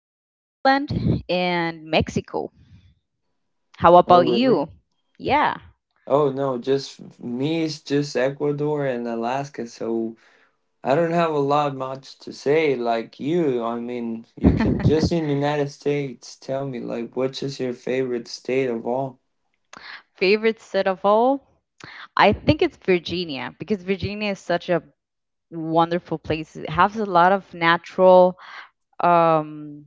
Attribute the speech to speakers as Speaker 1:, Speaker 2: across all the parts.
Speaker 1: New England and Mexico. How
Speaker 2: Oh,
Speaker 1: about
Speaker 2: really?
Speaker 1: you? Yeah.
Speaker 2: Oh no, just me is just Ecuador and Alaska, so I don't have a lot much to say like you. I mean, you can just in the United States tell me like which is your favorite state of all?
Speaker 1: Favorite set of all? I think it's Virginia because Virginia is such a wonderful place. It has a lot of natural um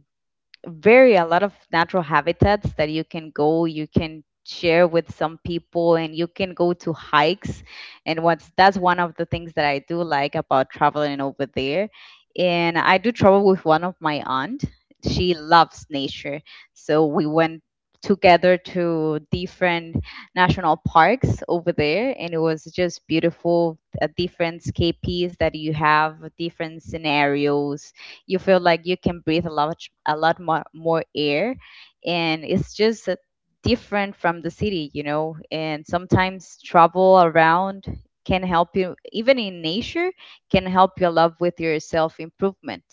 Speaker 1: habitats that you can share with some people and you can go to hikes, and what's that's one of the things that I do like about traveling over there. And I do travel with one of my aunt, she loves nature, so we went together to different national parks over there, and it was just beautiful. Different escapees that you have, different scenarios. You feel like you can breathe a lot more air, and it's just different from the city. And sometimes travel around can help you, even in nature, can help you a lot with your self improvement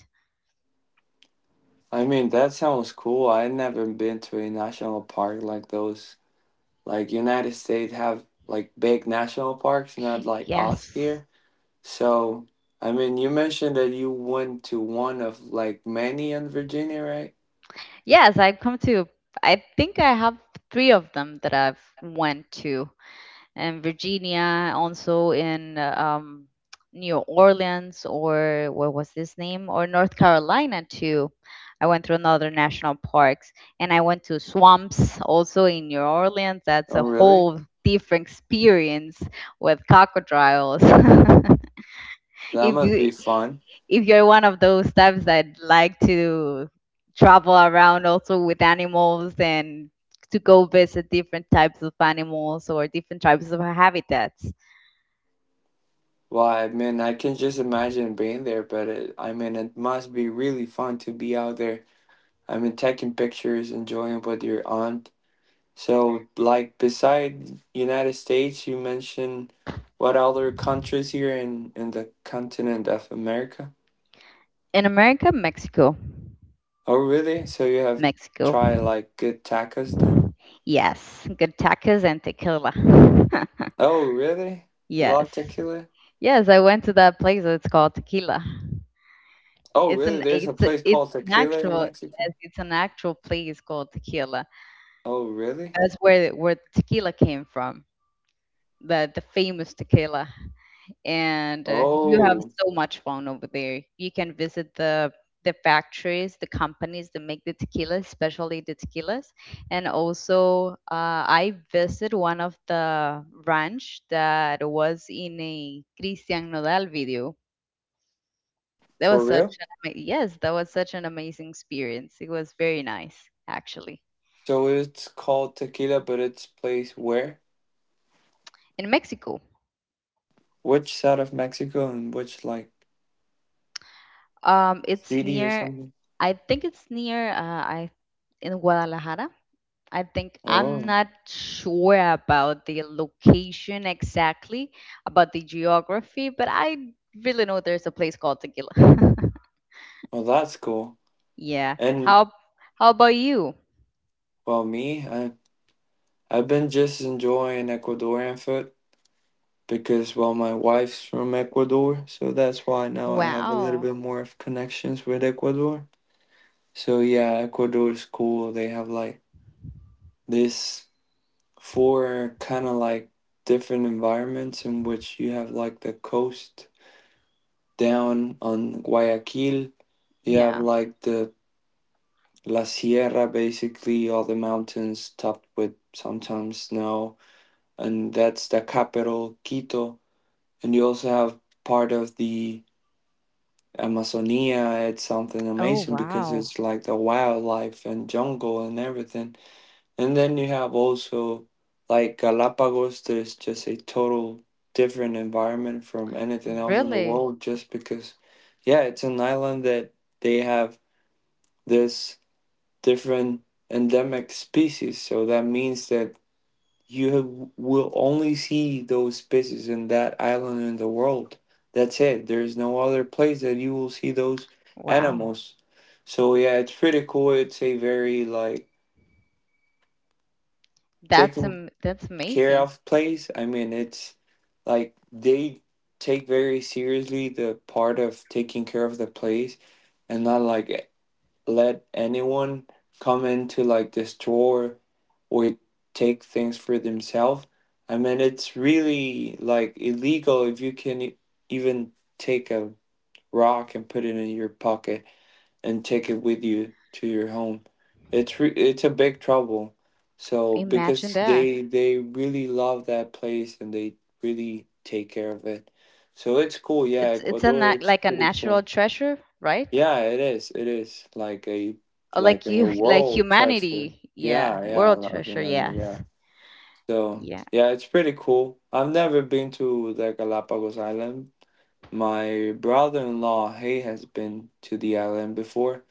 Speaker 2: I mean, that sounds cool. I never been to a national park like those. Like United States have like big national parks, not like us
Speaker 1: yes,
Speaker 2: here. So, I mean, you mentioned that you went to one of like many in Virginia, right?
Speaker 1: yes, I've come to, I think I have three of them that I've went to in Virginia, also in New Orleans, or what was this name, or North Carolina too. I went through another national parks, and I went to swamps also in New Orleans. That's a
Speaker 2: Oh, really?
Speaker 1: whole different experience with crocodiles.
Speaker 2: That
Speaker 1: if
Speaker 2: must
Speaker 1: you
Speaker 2: be fun.
Speaker 1: if you're one of those types that like to travel around also with animals and to go visit different types of animals or different types of habitats.
Speaker 2: Well, I mean, I can just imagine being there, but I mean, it must be really fun to be out there. I mean, taking pictures, enjoying with your aunt. So, like, beside United States, you mentioned what other countries here in the continent of America?
Speaker 1: In America, Mexico.
Speaker 2: Oh, really? So you have
Speaker 1: Mexico.
Speaker 2: tried like good tacos then?
Speaker 1: Yes. Good tacos and tequila.
Speaker 2: Oh, really? You love
Speaker 1: yes.
Speaker 2: tequila?
Speaker 1: Yes, I went to that place that's called Tequila.
Speaker 2: Oh,
Speaker 1: It's
Speaker 2: really?
Speaker 1: an
Speaker 2: There's a
Speaker 1: it's a,
Speaker 2: place
Speaker 1: it's
Speaker 2: called
Speaker 1: an
Speaker 2: Tequila in
Speaker 1: actual
Speaker 2: Mexico?
Speaker 1: yes, It's an actual place called Tequila.
Speaker 2: Oh, really?
Speaker 1: That's where tequila came from. The famous tequila. And you have
Speaker 2: Oh,
Speaker 1: so much fun over there. You can visit the factories, the companies that make the tequilas, especially the tequilas. And also, I visited one of the ranch that was in a Cristian Nodal video. That was
Speaker 2: for
Speaker 1: such
Speaker 2: real?
Speaker 1: an ama- yes, that was such an amazing experience. It was very nice, actually.
Speaker 2: So it's called Tequila, but it's placed where?
Speaker 1: In Mexico,
Speaker 2: Which side of Mexico and which like
Speaker 1: it's
Speaker 2: city or
Speaker 1: near.
Speaker 2: something?
Speaker 1: I think it's near. I in Guadalajara, I think. I'm
Speaker 2: Oh,
Speaker 1: not sure about the location exactly, about the geography, but I really know there's a place called Tequila.
Speaker 2: well, that's cool.
Speaker 1: yeah.
Speaker 2: And,
Speaker 1: How about you?
Speaker 2: well, I've been just enjoying Ecuadorian food because, well, my wife's from Ecuador, so that's why now I have a little
Speaker 1: Wow.
Speaker 2: bit more of connections with Ecuador. So, yeah, Ecuador is cool. They have like this four kind of like different environments in which you have like the coast down on Guayaquil, you have
Speaker 1: Yeah.
Speaker 2: like the La Sierra, basically all the mountains topped with sometimes snow, and that's the capital, Quito. And you also have part of the Amazonia. It's something
Speaker 1: Oh,
Speaker 2: amazing because
Speaker 1: wow.
Speaker 2: it's like the wildlife and jungle and everything. And then you have also like Galapagos. There's just a total different environment from anything else in the
Speaker 1: Really?
Speaker 2: world just because, yeah, it's an island that they have this different endemic species. So that means that you will only see those species in that island in the world. That's it. There's no other place that you will see those
Speaker 1: Wow.
Speaker 2: animals. So yeah, it's pretty cool. It's a very like
Speaker 1: That's
Speaker 2: taken
Speaker 1: um, that's
Speaker 2: care
Speaker 1: amazing.
Speaker 2: of place. I mean, it's like they take very seriously the part of taking care of the place and not like let anyone come in to like destroy or take things for themselves. I mean, it's really like illegal if you can even take a rock and put it in your pocket and take it with you to your home. It's a big trouble. So
Speaker 1: Imagine
Speaker 2: because
Speaker 1: that.
Speaker 2: they really love that place and they really take care of it. So it's cool. Yeah,
Speaker 1: It's a
Speaker 2: Ecuador,
Speaker 1: nat-
Speaker 2: it's
Speaker 1: like a
Speaker 2: pretty
Speaker 1: natural
Speaker 2: cool.
Speaker 1: treasure, right?
Speaker 2: Yeah, it is. It is like a,
Speaker 1: Or
Speaker 2: like
Speaker 1: like
Speaker 2: in a
Speaker 1: you, like
Speaker 2: world transfer.
Speaker 1: humanity. Yeah.
Speaker 2: Yeah, yeah,
Speaker 1: World
Speaker 2: like in
Speaker 1: treasure.
Speaker 2: a, yeah.
Speaker 1: Yes.
Speaker 2: So
Speaker 1: Yeah.
Speaker 2: yeah, it's pretty cool. I've never been to the Galapagos Island. My brother-in-law, he has been to the island before,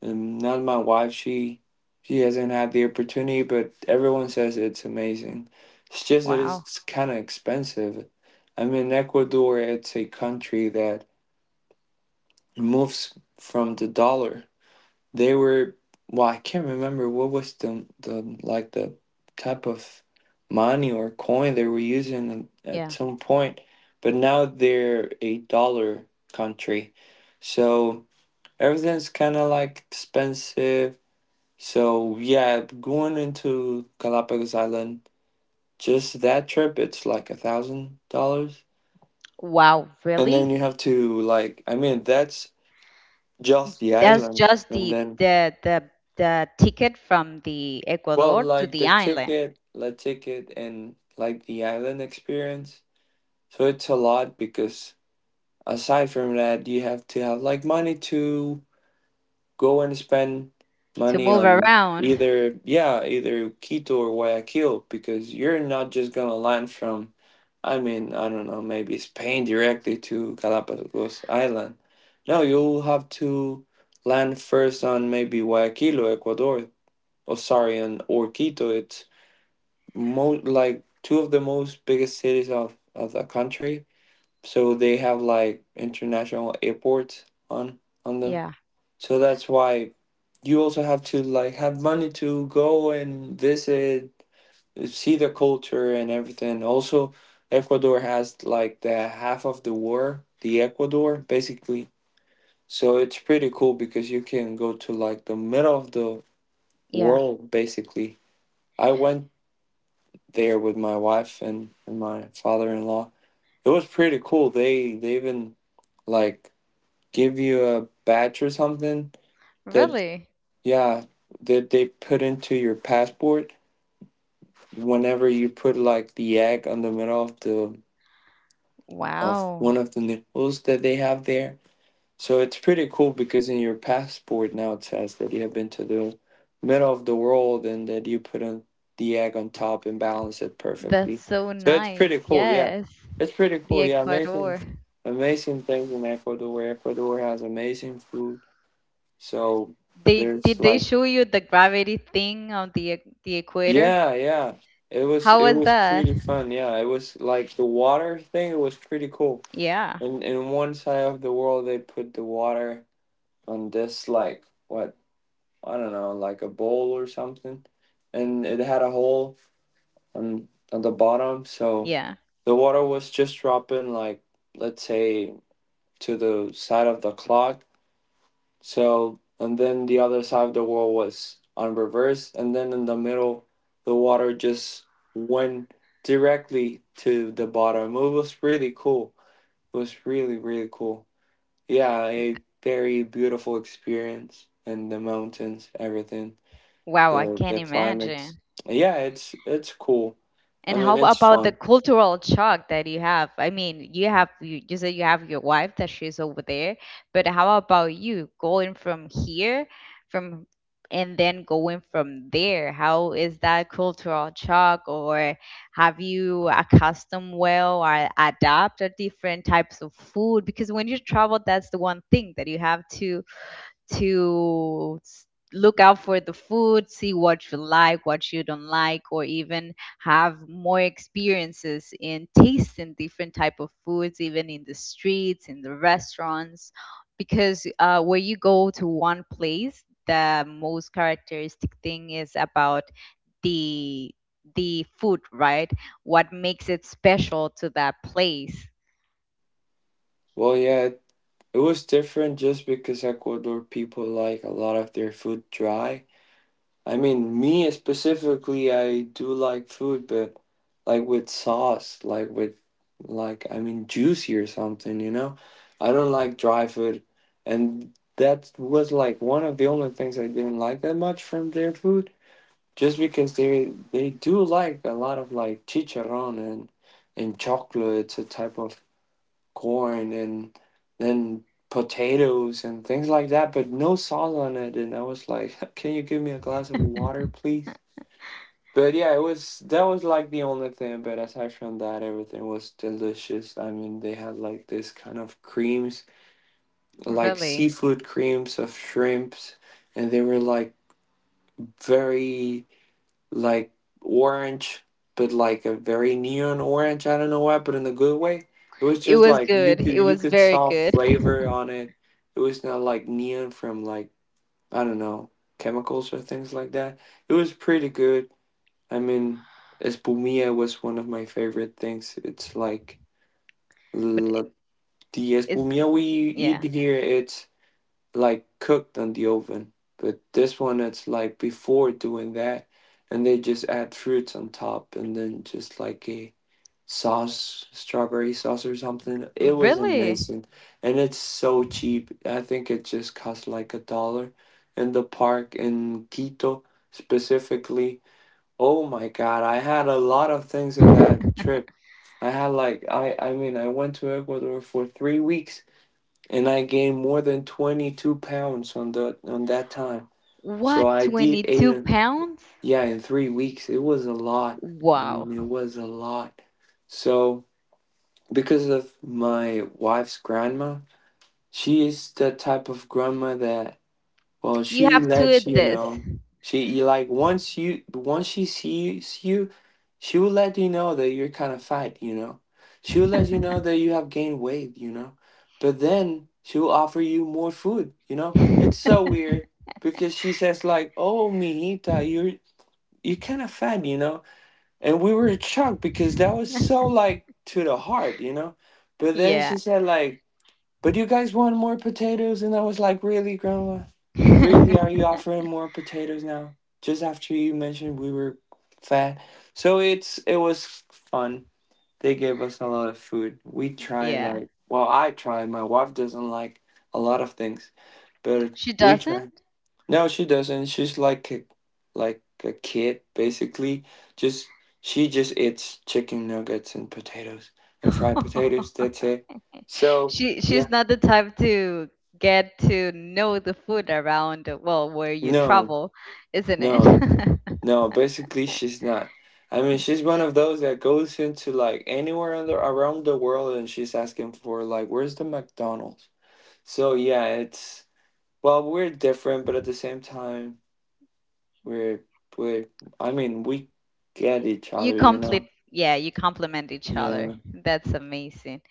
Speaker 2: and not my wife. She hasn't had the opportunity, but everyone says it's amazing. It's just that
Speaker 1: Wow.
Speaker 2: it's kind of expensive. I mean, Ecuador, it's a country that moves from the dollar. They were well, I can't remember what was the like the type of money or coin they were using at
Speaker 1: Yeah.
Speaker 2: some point, but now they're a dollar country. So everything's kind of like expensive. So yeah, going into Galapagos Island, just that trip, it's like $1,000.
Speaker 1: Wow,
Speaker 2: And then
Speaker 1: really?
Speaker 2: you have to like, I mean, that's just the
Speaker 1: That's
Speaker 2: island.
Speaker 1: just
Speaker 2: And
Speaker 1: the
Speaker 2: then,
Speaker 1: the the the ticket from the
Speaker 2: well,
Speaker 1: Ecuador to
Speaker 2: like
Speaker 1: the
Speaker 2: the
Speaker 1: island
Speaker 2: ticket, and like the island experience. So it's a lot because aside from that, you have to have like money to go and spend
Speaker 1: to
Speaker 2: money
Speaker 1: move
Speaker 2: on
Speaker 1: around.
Speaker 2: either, yeah, either Quito or Guayaquil because you're not just gonna land from, I mean, I don't know, maybe Spain directly to Galapagos Island. No, you'll have to land first on maybe Guayaquil or Ecuador. Oh, sorry, on or Quito. It's mo like two of the most biggest cities of the country. So they have like international airports on on them.
Speaker 1: Yeah,
Speaker 2: So that's why you also have to like have money to go and visit, see the culture and everything. Also, Ecuador has like the half of the world, the Ecuador basically. So it's pretty cool because you can go to like the middle of the
Speaker 1: yeah.
Speaker 2: world basically. I went there with my wife and my father-in-law. It was pretty cool. They even like give you a badge or something, that,
Speaker 1: Really?
Speaker 2: yeah, that they put into your passport whenever you put like the egg on the middle of
Speaker 1: Wow.
Speaker 2: one of the nipples that they have there. So it's pretty cool because in your passport now it says that you have been to the middle of the world and that you put on the egg on top and balance it
Speaker 1: That's
Speaker 2: perfectly.
Speaker 1: so
Speaker 2: So it's
Speaker 1: nice.
Speaker 2: pretty cool, yeah.
Speaker 1: Yes.
Speaker 2: It's pretty
Speaker 1: The
Speaker 2: cool, yeah. Amazing,
Speaker 1: Ecuador.
Speaker 2: amazing things in Ecuador. Ecuador has amazing food. So
Speaker 1: They
Speaker 2: there's
Speaker 1: did they
Speaker 2: like,
Speaker 1: show you the gravity thing on the equator?
Speaker 2: yeah, yeah. It was
Speaker 1: How
Speaker 2: it
Speaker 1: was
Speaker 2: was
Speaker 1: that?
Speaker 2: pretty fun, yeah. It was like the water thing. It was pretty cool.
Speaker 1: Yeah.
Speaker 2: And in one side of the world, they put the water on this like, what, I don't know, like a bowl or something, and it had a hole on the bottom, so
Speaker 1: Yeah.
Speaker 2: the water was just dropping like, let's say, to the side of the clock. So and then the other side of the wall was on reverse, and then in the middle, the water just went directly to the bottom. It was really cool. It was really really cool. Yeah, a very beautiful experience, and the mountains, everything,
Speaker 1: Wow, I
Speaker 2: the
Speaker 1: can't
Speaker 2: the climate.
Speaker 1: imagine.
Speaker 2: Yeah, it's cool. I
Speaker 1: And how
Speaker 2: mean, it's
Speaker 1: about the
Speaker 2: fun.
Speaker 1: cultural shock that you have? I mean, you said you have your wife that she's over there, but how about you going from here, from and then going from there? How is that cultural shock, or have you accustomed well or adapt to different types of food? Because when you travel, that's the one thing that you have to look out for the food, see what you like, what you don't like, or even have more experiences in tasting different type of foods, even in the streets, in the restaurants, because where you go to one place, the most characteristic thing is about the the food, right? What makes it special to that place?
Speaker 2: Well, yeah, it was different just because Ecuador people like a lot of their food dry. I mean, me specifically, I do like food, but like with sauce, like with, like, I mean, juicy or something, you know? I don't like dry food, and that was like one of the only things I didn't like that much from their food just because they do like a lot of like chicharron and chocolates, a type of corn, and then potatoes and things like that, but no sauce on it. And I was like, "Can you give me a glass of water, please?" But yeah, it was that was like the only thing. But aside from that, everything was delicious. I mean, they had like this kind of creams, like
Speaker 1: Really,
Speaker 2: seafood creams of shrimps, and they were like very like orange, but like a very neon orange. I don't know why, but in a good way. It was
Speaker 1: it
Speaker 2: just
Speaker 1: was
Speaker 2: like
Speaker 1: good. It
Speaker 2: you
Speaker 1: was
Speaker 2: could
Speaker 1: very
Speaker 2: saw
Speaker 1: good.
Speaker 2: flavor on it. It was not like neon from like, I don't know, chemicals or things like that. It was pretty good. I mean, espumilla was one of my favorite things. It's like
Speaker 1: But
Speaker 2: la,
Speaker 1: I-
Speaker 2: the
Speaker 1: is
Speaker 2: espumilla we eat
Speaker 1: yeah.
Speaker 2: here. It's like cooked on the oven. But this one, it's like, before doing that, and they just add fruits on top and then just like a sauce, strawberry sauce or something. It was
Speaker 1: Really?
Speaker 2: amazing. And it's so cheap. I think it just cost like a dollar in the park in Quito specifically. Oh my god, I had a lot of things in that trip. I had like I mean I went to Ecuador for 3 weeks and I gained more than 22 pounds on that time. So
Speaker 1: What,
Speaker 2: I did eight,
Speaker 1: 22
Speaker 2: and
Speaker 1: pounds?
Speaker 2: yeah, in 3 weeks. It was a lot. I
Speaker 1: Wow.
Speaker 2: mean, it was a lot. So because of my wife's grandma, she is the type of grandma that, well,
Speaker 1: You
Speaker 2: she
Speaker 1: have to
Speaker 2: lets
Speaker 1: eat
Speaker 2: you
Speaker 1: this.
Speaker 2: know. She like once she sees you, she will let you know that you're kind of fat, you know. She will let you know that you have gained weight, you know. But then she will offer you more food, you know. It's so weird because she says like, "Oh, mijita, you're kind of fat, you know." And we were shocked because that was so like to the heart, you know. But then
Speaker 1: Yeah.
Speaker 2: she said like, "But you guys want more potatoes?" And I was like, "Really, Grandma? Really, are you offering more potatoes now? Just after you mentioned we were fat." So it was fun. They gave us a lot of food. We tried
Speaker 1: Yeah.
Speaker 2: like, well, I tried. My wife doesn't like a lot of things. But
Speaker 1: She
Speaker 2: we
Speaker 1: doesn't?
Speaker 2: tried. No, she doesn't. She's like a kid, basically. Just she just eats chicken nuggets and potatoes and fried potatoes. That's it. So
Speaker 1: She
Speaker 2: yeah.
Speaker 1: she's not the type to get to know the food around, well, where you
Speaker 2: No,
Speaker 1: travel, isn't
Speaker 2: no,
Speaker 1: it?
Speaker 2: no. Basically, she's not. I mean, she's one of those that goes into like anywhere around the world, and she's asking for like, where's the McDonald's? So yeah, it's well, we're different, but at the same time, we're we're. I mean, we get each
Speaker 1: You
Speaker 2: other, you
Speaker 1: complete,
Speaker 2: know?
Speaker 1: yeah, you complement each other.
Speaker 2: Yeah,
Speaker 1: That's amazing.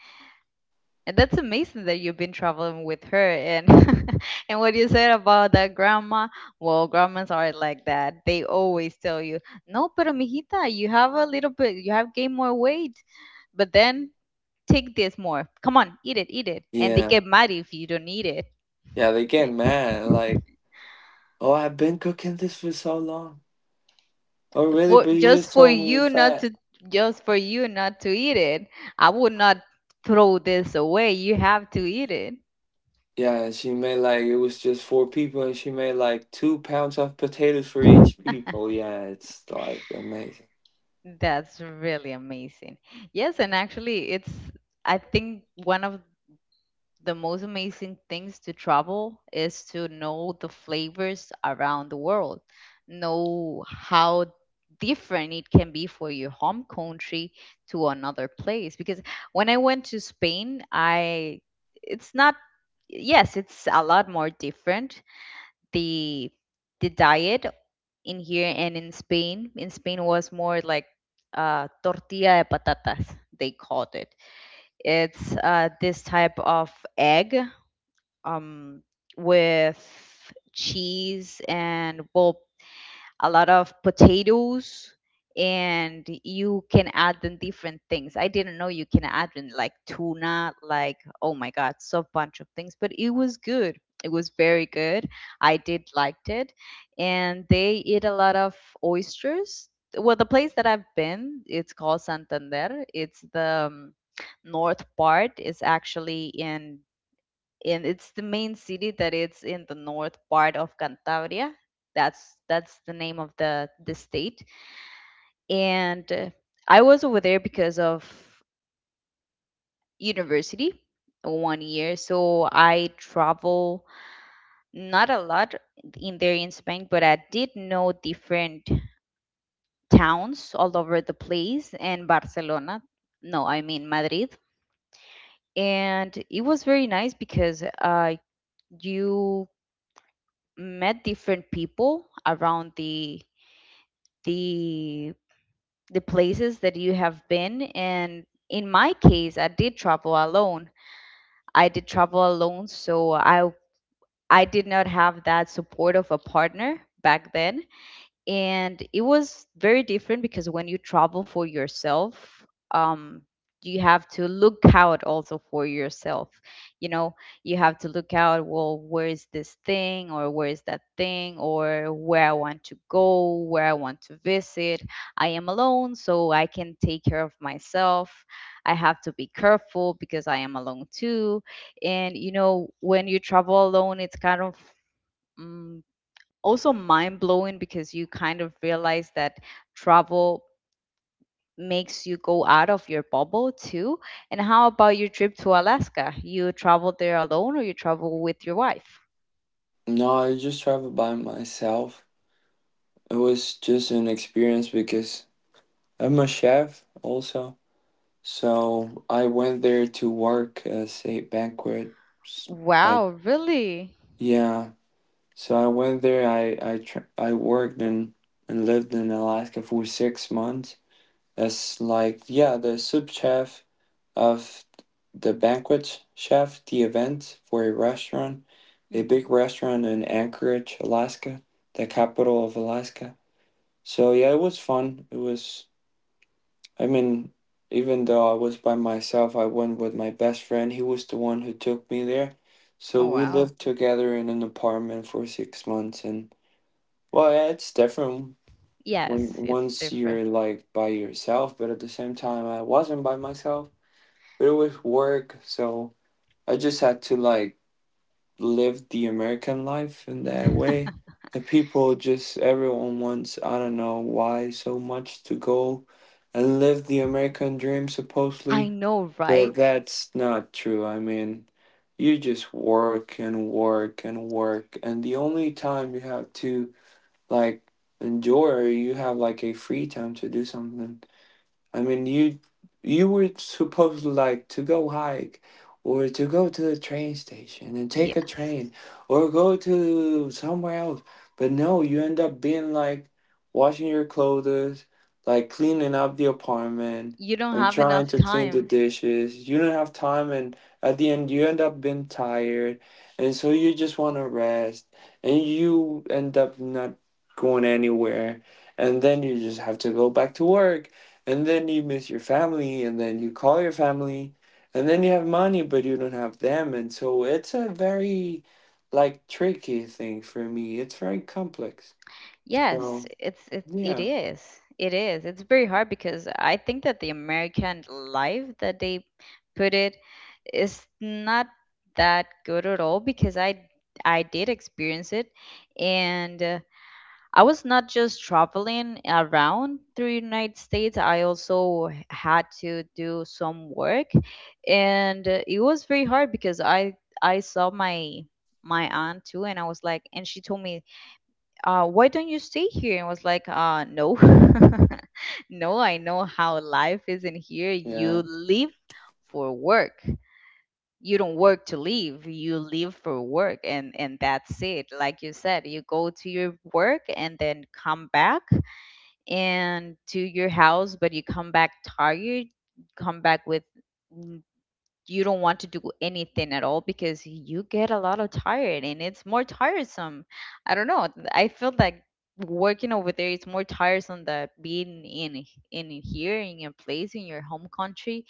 Speaker 1: And that's amazing that you've been traveling with her. And and what you said about that grandma, well, grandmas are like that. They always tell you, "No, pero mijita, you have a little bit, you have gained more weight, but then take this more. Come on, eat it, eat it." And they
Speaker 2: yeah,
Speaker 1: get mad if you don't eat it.
Speaker 2: yeah. They get mad like, oh, I've been cooking this for so long. Oh, really?
Speaker 1: For
Speaker 2: But you
Speaker 1: just
Speaker 2: just
Speaker 1: for
Speaker 2: told me you're
Speaker 1: you not
Speaker 2: fat.
Speaker 1: to Just for you not to eat it. I would not throw this away. You have to eat it.
Speaker 2: Yeah, and she made like it was just four people, and she made like 2 pounds of potatoes for each people. Yeah, it's like amazing.
Speaker 1: That's really amazing. Yes, and actually, it's, I think, one of the most amazing things to travel is to know the flavors around the world, know how different it can be for your home country to another place. Because when I went to Spain, I, it's not, yes, it's a lot more different. The, the diet in here and in Spain. In Spain was more like tortilla de patatas, they called it. It's this type of egg um, with cheese, and well, a lot of potatoes, and you can add in different things. I didn't know you can add in like tuna, like oh my god, so bunch of things, but it was good. It was very good. I did liked it. And they eat a lot of oysters. Well, the place that I've been, it's called Santander. It's the north part is actually in, and it's the main city that it's in the north part of Cantabria. That's the name of the state. And I was over there because of university one year, so I travel not a lot in there in Spain, but I did know different towns all over the place, and Barcelona. No, I mean Madrid. And it was very nice because you met different people around the the places that you have been. And in my case, I did travel alone, so I did not have that support of a partner back then. And it was very different because when you travel for yourself, um you have to look out also for yourself you know you have to look out, well, where is this thing or where is that thing or where I want to go, where I want to visit. I am alone, so I can take care of myself. I have to be careful because I am alone too. And when you travel alone, it's kind of mm, also mind blowing because you kind of realize that travel makes you go out of your bubble too. And how about your trip to Alaska? You traveled there alone, or you travel with your wife?
Speaker 2: No, I just traveled by myself. It was just an experience because I'm a chef also. So I went there to work as a banquet, s- like
Speaker 1: Wow, really?
Speaker 2: yeah. So I went there. I worked and lived in Alaska for 6 months as like yeah the sub chef of the banquet chef, the event for a restaurant, a
Speaker 1: Hmm.
Speaker 2: big restaurant in Anchorage, Alaska, the capital of Alaska. So yeah, it was fun. It was, I mean, even though I was by myself, I went with my best friend. He was the one who took me there. So
Speaker 1: Oh,
Speaker 2: we
Speaker 1: wow.
Speaker 2: lived together in an apartment for 6 months, and well, yeah, it's different when
Speaker 1: Yes, it's
Speaker 2: once
Speaker 1: different.
Speaker 2: you're like by yourself, but at the same time, I wasn't by myself. It was work, so I just had to like live the American life in that way. The people just everyone wants I don't know why so much to go and live the American dream
Speaker 1: I
Speaker 2: supposedly,
Speaker 1: know,
Speaker 2: but
Speaker 1: right?
Speaker 2: that's not true. I mean, you just work and work and work, and the only time you have to like enjoy or you have like a free time to do something, I mean, you were supposed to like to go hike or to go to the train station and take a
Speaker 1: Yes.
Speaker 2: train or go to somewhere else. But no, you end up being like washing your clothes, like cleaning up the apartment
Speaker 1: You don't
Speaker 2: and
Speaker 1: have
Speaker 2: trying
Speaker 1: enough
Speaker 2: to clean the
Speaker 1: time.
Speaker 2: dishes. You don't have time, and at the end you end up being tired, and so you just want to rest and you end up not going anywhere, and then you just have to go back to work, and then you miss your family, and then you call your family, and then you have money but you don't have them, and so it's a very like tricky thing for me. It's very complex.
Speaker 1: Yes,
Speaker 2: So
Speaker 1: it's it it
Speaker 2: yeah,
Speaker 1: is. It is. It's very hard because I think that the American life that they put it is not that good at all, because I did experience it. And I was not just traveling around through United States. I also had to do some work, and it was very hard because I saw my aunt too. And I was like, and she told me, why don't you stay here? And I was like, no, no, I know how life is in here.
Speaker 2: yeah,
Speaker 1: You live for work. You don't work to live. You live for work, and that's it. Like you said, you go to your work and then come back and to your house, but you come back tired. Come back with, you don't want to do anything at all, because you get a lot of tired and it's more tiresome. I don't know. I feel like working over there is more tiresome than being in here in your place, in your home country.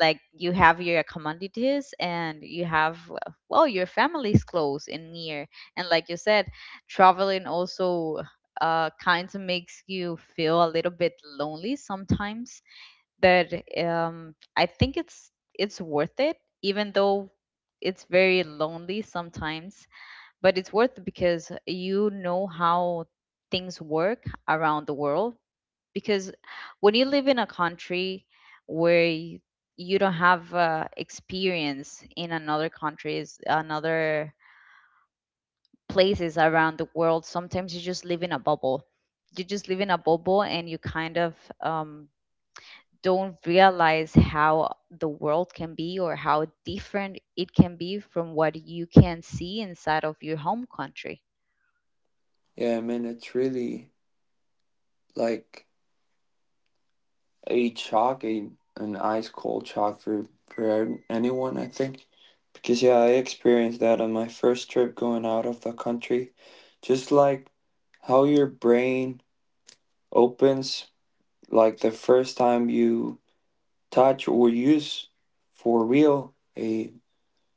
Speaker 1: Like you have your commodities, and you have well, your family's close and near. And like you said, traveling also kind of makes you feel a little bit lonely sometimes, that I think it's worth it, even though it's very lonely sometimes. But it's worth it because you know how things work around the world. Because when you live in a country where you don't have experience in another countries, another places around the world, sometimes you just live in a bubble. You just live in a bubble and you kind of don't realize how the world can be or how different it can be from what you can see inside of your home country.
Speaker 2: yeah, I mean, it's really like a shock, an ice cold shock for anyone, I think, because yeah, I experienced that on my first trip going out of the country. Just like how your brain opens like the first time you touch or use for real a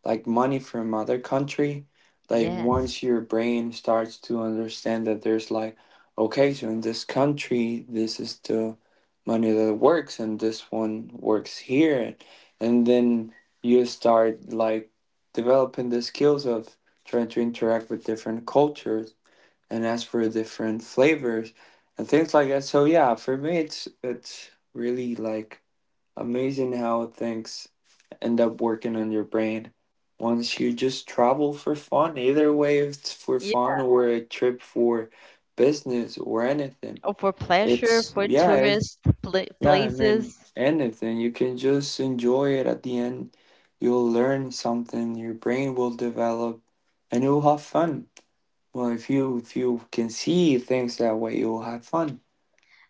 Speaker 2: like money from other country, like
Speaker 1: Yes.
Speaker 2: once your brain starts to understand that there's like, okay, so in this country this is the money that works and this one works here, and then you start like developing the skills of trying to interact with different cultures and ask for different flavors and things like that. So yeah, for me, it's really like amazing how things end up working on your brain once you just travel for fun. Either way, if it's for
Speaker 1: Yeah.
Speaker 2: fun or a trip for business or anything,
Speaker 1: Or for pleasure,
Speaker 2: it's
Speaker 1: for
Speaker 2: yeah,
Speaker 1: tourist
Speaker 2: it's
Speaker 1: pla
Speaker 2: yeah. I mean,
Speaker 1: places.
Speaker 2: anything you can just enjoy it. At the end, you'll learn something. Your brain will develop, and you'll have fun. Well, if you can see things that way, you will have fun.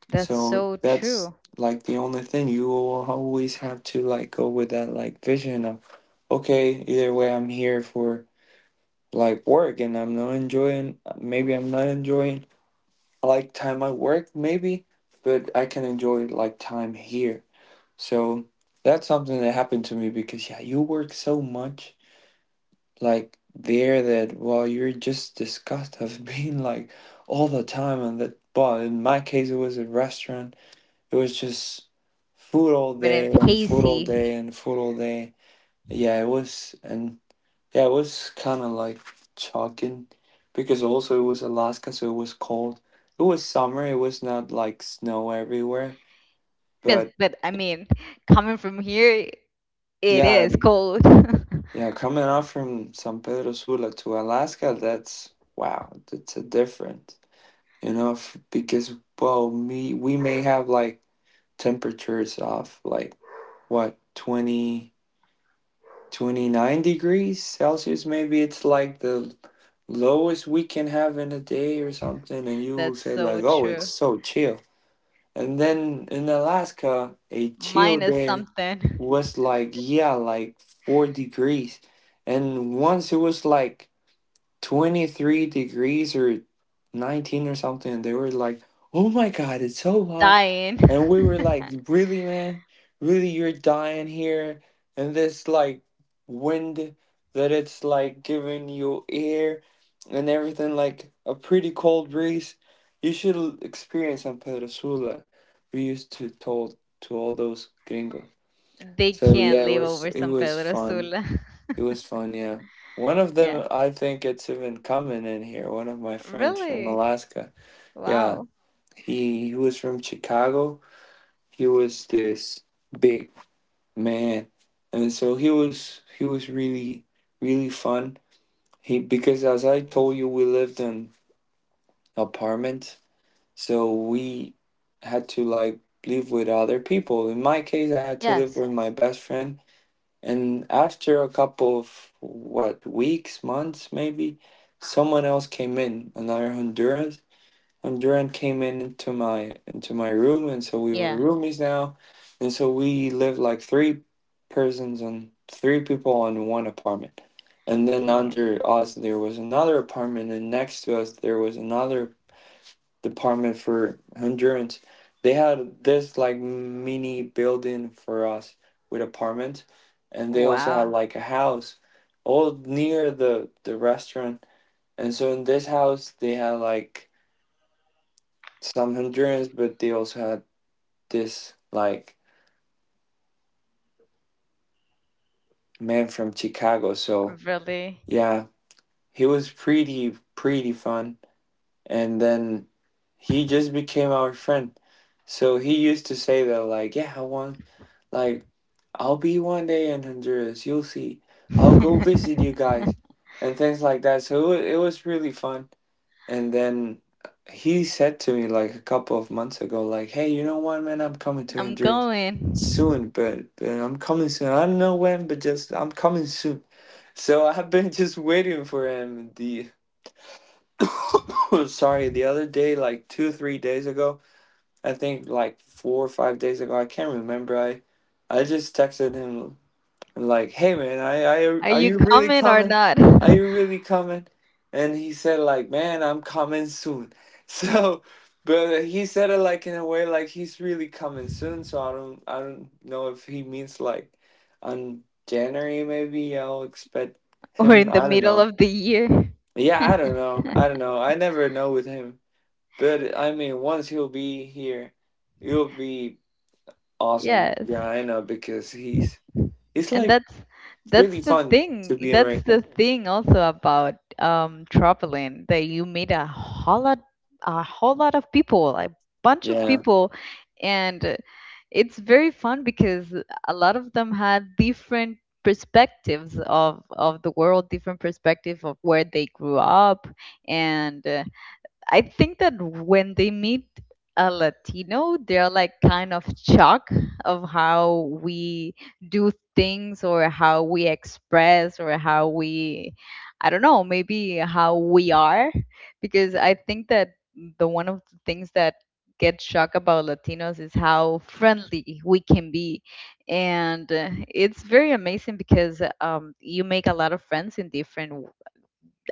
Speaker 1: That's
Speaker 2: So
Speaker 1: so
Speaker 2: that's
Speaker 1: true.
Speaker 2: like the only thing. You will always have to like go with that like vision of, okay, either way, I'm here for like work and I'm not enjoying. Maybe I'm not enjoying like time at work, maybe, but I can enjoy like time here. So that's something that happened to me because yeah, you work so much like there that well you're just disgusted of being like all the time on that. Well, in my case it was a restaurant, it was just food all
Speaker 1: But
Speaker 2: day
Speaker 1: if
Speaker 2: and food all
Speaker 1: hazy,
Speaker 2: day and food all day. Yeah, it was. And yeah, it was kind of like shocking because also it was Alaska, so it was cold. It was summer, it was not like snow everywhere,
Speaker 1: yes,
Speaker 2: but
Speaker 1: but I mean, coming from here, it
Speaker 2: yeah,
Speaker 1: is cold.
Speaker 2: yeah. Coming out from San Pedro Sula to Alaska, that's wow, that's a difference, you know, because well, me we may have like temperatures of like what twenty twenty nine degrees Celsius, maybe it's like the lowest we can have in a day or something, and you will
Speaker 1: That's
Speaker 2: say
Speaker 1: so
Speaker 2: like, oh, it's
Speaker 1: true.
Speaker 2: so chill. And then in Alaska a chill
Speaker 1: Minus
Speaker 2: day
Speaker 1: something
Speaker 2: was like yeah like 4 degrees, and once it was like 23 degrees or 19 or something. And they were like, oh my God, it's so hot.
Speaker 1: dying.
Speaker 2: And we were like, really, man? Really, you're dying here? And this like wind that it's like giving you air and everything, like a pretty cold breeze. You should experience in Pedrosola. We used to told to all those gringos.
Speaker 1: They
Speaker 2: So
Speaker 1: can't
Speaker 2: yeah, it
Speaker 1: live
Speaker 2: was
Speaker 1: over
Speaker 2: it
Speaker 1: San
Speaker 2: was
Speaker 1: Pedro
Speaker 2: fun.
Speaker 1: Sula.
Speaker 2: It was fun, yeah. One of
Speaker 1: Yeah.
Speaker 2: them, I think it's even coming in here. One of my friends from
Speaker 1: Really?
Speaker 2: Alaska. Yeah,
Speaker 1: Wow.
Speaker 2: he was from Chicago. He was this big man. And so he was really really fun. He because as I told you we lived in apartments, so we had to like live with other people. In my case, I had to live
Speaker 1: Yes.
Speaker 2: with my best friend. And after a couple of what weeks, months maybe, someone else came in, another Honduran. Honduran came in into my room, and so we were
Speaker 1: Yeah.
Speaker 2: roomies now. And so we lived like three persons and three people in one apartment. And then
Speaker 1: Yeah.
Speaker 2: under us there was another apartment, and next to us there was another department for Hondurans. They had this like mini building for us with apartment, and they also had
Speaker 1: Wow.
Speaker 2: like a house, all near the restaurant. And so in this house, they had like some Hondurans, but they also had this like man from Chicago. So
Speaker 1: Really?
Speaker 2: yeah, he was pretty pretty fun. And then he just became our friend. So he used to say that like, yeah, I want like I'll be one day in Honduras, you'll see. I'll go visit you guys and things like that. So it was really fun. And then he said to me like a couple of months ago like, hey, you know what, man? I'm coming to
Speaker 1: I'm
Speaker 2: Honduras
Speaker 1: going.
Speaker 2: soon, but I'm coming soon. I don't know when, but just I'm coming soon. So I've been just waiting for him. The Sorry, the other day, like two, 3 days ago, I think like 4 or 5 days ago, I can't remember. I just texted him like, hey man,
Speaker 1: Are
Speaker 2: are
Speaker 1: you
Speaker 2: you really
Speaker 1: coming or
Speaker 2: coming?
Speaker 1: not?
Speaker 2: Are you really coming? And he said like, man, I'm coming soon. So, but he said it like in a way like he's really coming soon. So I don't know if he means like on January. Maybe I'll expect
Speaker 1: We're
Speaker 2: him.
Speaker 1: in the
Speaker 2: I don't
Speaker 1: middle
Speaker 2: know.
Speaker 1: of the year.
Speaker 2: Yeah, I don't know. I don't know. I never know with him. But I mean, once he'll be here, it'll be awesome.
Speaker 1: Yes.
Speaker 2: Yeah, I know because he's it's
Speaker 1: And
Speaker 2: like
Speaker 1: that's
Speaker 2: really
Speaker 1: the
Speaker 2: fun to
Speaker 1: thing.
Speaker 2: be
Speaker 1: That's the
Speaker 2: American.
Speaker 1: thing also about traveling that you meet a whole lot of people, a bunch of
Speaker 2: Yeah,
Speaker 1: people, and it's very fun because a lot of them had different perspectives of the world, different perspective of where they grew up, and I think that when they meet a Latino, they're like kind of shocked of how we do things or how we express or how we, I don't know, maybe how we are. Because I think that the one of the things that get shocked about Latinos is how friendly we can be. And it's very amazing because you make a lot of friends in different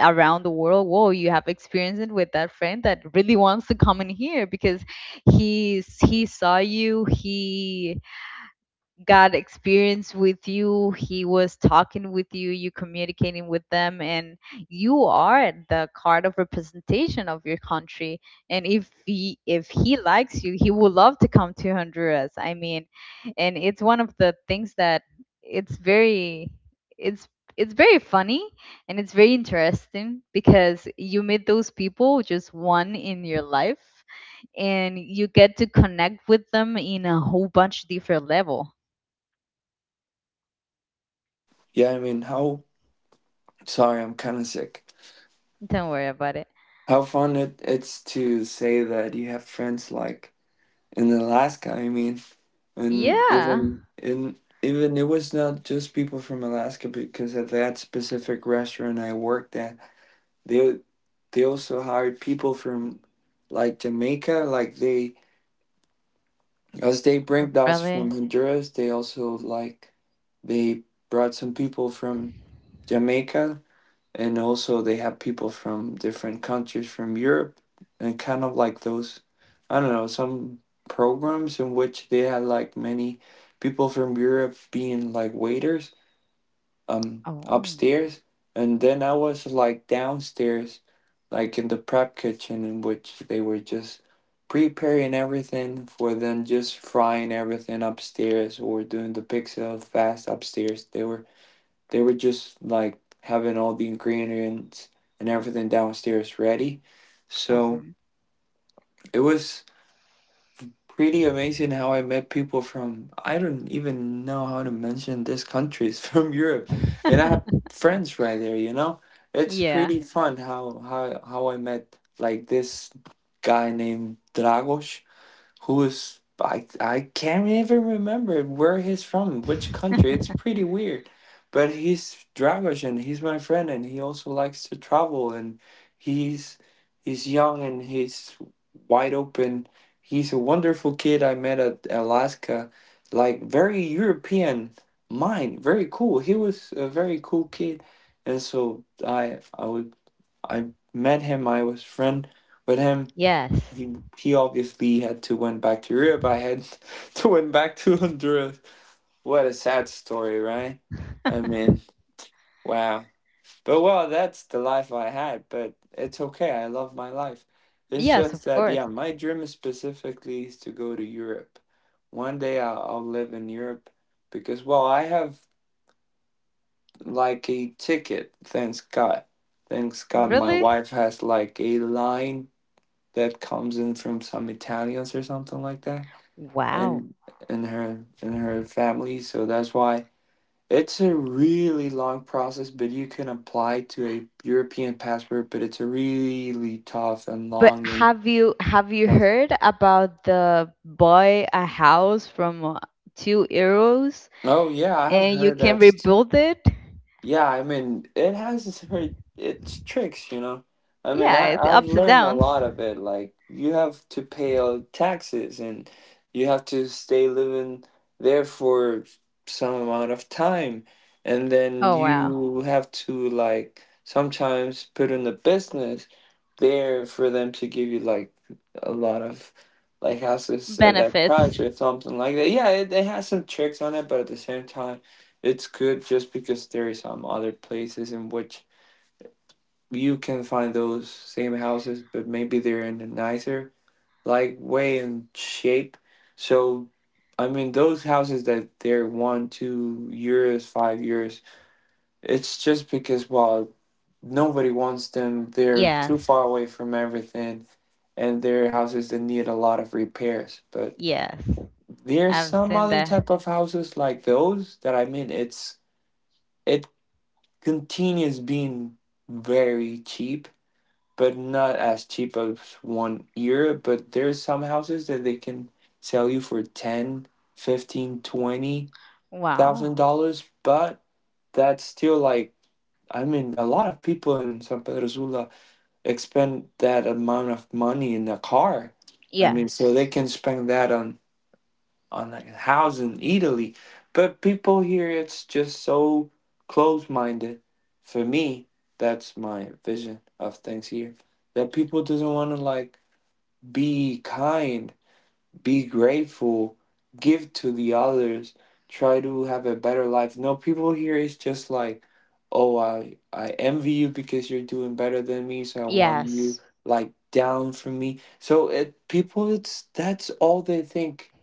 Speaker 1: around the world. Whoa, you have experienced it with that friend that really wants to come in here because he saw you, he got experience with you, he was talking with you communicating with them, and you are the card of representation of your country. And if he likes you, he would love to come to Honduras. I mean, and it's one of the things that it's very it's it's very funny, and it's very interesting because you meet those people just one in your life and you get to connect with them in a whole bunch different level.
Speaker 2: yeah. I mean, how sorry, I'm kind of sick.
Speaker 1: Don't worry about it.
Speaker 2: How fun it's to say that you have friends like in Alaska. I mean, and
Speaker 1: Yeah.
Speaker 2: even in even it was not just people from Alaska because at that specific restaurant I worked at, they they also hired people from like Jamaica, like they As they bring us from
Speaker 1: Really?
Speaker 2: Honduras, they also like they brought some people from Jamaica, and also they have people from different countries from Europe, and kind of like those, I don't know, some programs in which they had like many people from Europe being like waiters,
Speaker 1: Oh.
Speaker 2: upstairs, and then I was like downstairs like in the prep kitchen in which they were just preparing everything for then just frying everything upstairs or doing the pixel fast upstairs. They were just like having all the ingredients and everything downstairs ready. So
Speaker 1: Mhm.
Speaker 2: it was pretty amazing how I met people from I don't even know how to mention these countries from Europe, and I have friends right there. You know, it's
Speaker 1: Yeah.
Speaker 2: pretty fun how I met like this guy named Dragos, who is I can't even remember where he's from, which country. It's pretty weird, but he's Dragos and he's my friend, and he also likes to travel, and he's he's young and he's wide open. He's a wonderful kid I met at Alaska, like very European mind, very cool. He was a very cool kid, and so I met him. I was friend with him.
Speaker 1: Yes.
Speaker 2: He obviously had to went back to Europe. I had to went back to Honduras. What a sad story, right? I mean, wow. But well, that's the life I had. But it's okay. I love my life. It's
Speaker 1: Yes,
Speaker 2: just
Speaker 1: of
Speaker 2: that yeah,
Speaker 1: course.
Speaker 2: my dream specifically is to go to Europe. One day I'll live in Europe because well, I have like a ticket. Thanks God. Thanks God, my
Speaker 1: Really?
Speaker 2: wife has like a line that comes in from some Italians or something like that,
Speaker 1: Wow.
Speaker 2: and and her and her family, so that's why it's a really long process, but you can apply to a European passport, but it's a really tough and
Speaker 1: But
Speaker 2: long and
Speaker 1: have you
Speaker 2: pro-
Speaker 1: heard about the buy a house from €2
Speaker 2: oh yeah, I have
Speaker 1: and you
Speaker 2: heard
Speaker 1: can
Speaker 2: that.
Speaker 1: rebuild it?
Speaker 2: Yeah, I mean, it has its tricks, you know. I mean,
Speaker 1: Yeah,
Speaker 2: I
Speaker 1: it's
Speaker 2: I've
Speaker 1: ups and
Speaker 2: learned a
Speaker 1: downs.
Speaker 2: lot of it. Like you have to pay taxes, and you have to stay living there for some amount of time, and then
Speaker 1: Oh wow.
Speaker 2: you have to like sometimes put in a business there for them to give you like a lot of like houses at that
Speaker 1: Benefits.
Speaker 2: price or something like that. Yeah, it has some tricks on it, but at the same time, it's good just because there is some other places in which you can find those same houses, but maybe they're in a nicer like way and shape. So, I mean, those houses that they're one, 2 years, 5 years, it's just because well, nobody wants them. They're too
Speaker 1: Yes.
Speaker 2: far away from everything, and they're houses that need a lot of repairs. But
Speaker 1: Yes.
Speaker 2: there's
Speaker 1: I've
Speaker 2: some
Speaker 1: seen
Speaker 2: other
Speaker 1: that.
Speaker 2: type of houses like those that I mean, it's it continues being very cheap, but not as cheap as one year. But there's some houses that they can sell you for 10, 15, twenty
Speaker 1: Wow.
Speaker 2: thousand dollars, but that's still like I mean, a lot of people in San Pedro Sula expend that amount of money in a car. I mean, so
Speaker 1: Yes.
Speaker 2: they can spend that on a house in Italy. But people here, it's just so close-minded. For me, that's my vision of things here. That people doesn't want to like be kind, be grateful, give to the others, try to have a better life. No, people here is just like, oh, I envy you because you're doing better than me, so I want you
Speaker 1: Yes.
Speaker 2: like down from me. So it people, it's that's all they think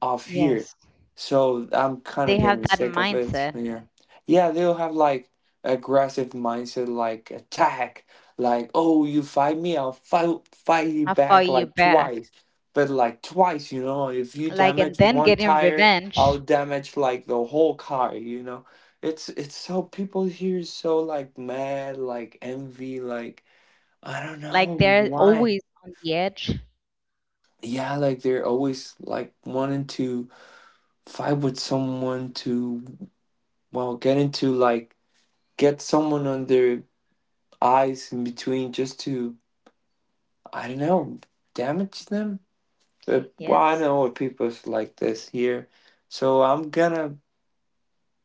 Speaker 2: off here.
Speaker 1: Yes.
Speaker 2: So I'm kind of
Speaker 1: They have
Speaker 2: getting
Speaker 1: that
Speaker 2: sick of it.
Speaker 1: mindset,
Speaker 2: Yeah. Yeah, they'll have like aggressive mindset, like attack, like, oh, you fight me, I'll fight you
Speaker 1: I'll
Speaker 2: back
Speaker 1: fight you
Speaker 2: like
Speaker 1: back,
Speaker 2: twice. But like twice, you know, if you
Speaker 1: like, and
Speaker 2: damage
Speaker 1: then
Speaker 2: one
Speaker 1: getting
Speaker 2: tire, I'll
Speaker 1: revenge,
Speaker 2: damage like the whole car, you know. It's so people here is so like mad, like envy, like I don't
Speaker 1: like
Speaker 2: know
Speaker 1: they're
Speaker 2: why.
Speaker 1: always on the edge.
Speaker 2: Yeah, like they're always like wanting to why would someone to well get into like get someone on their eyes in between just to I don't know damage them? But well, I
Speaker 1: Yes,
Speaker 2: know what people's like this here, so I'm gonna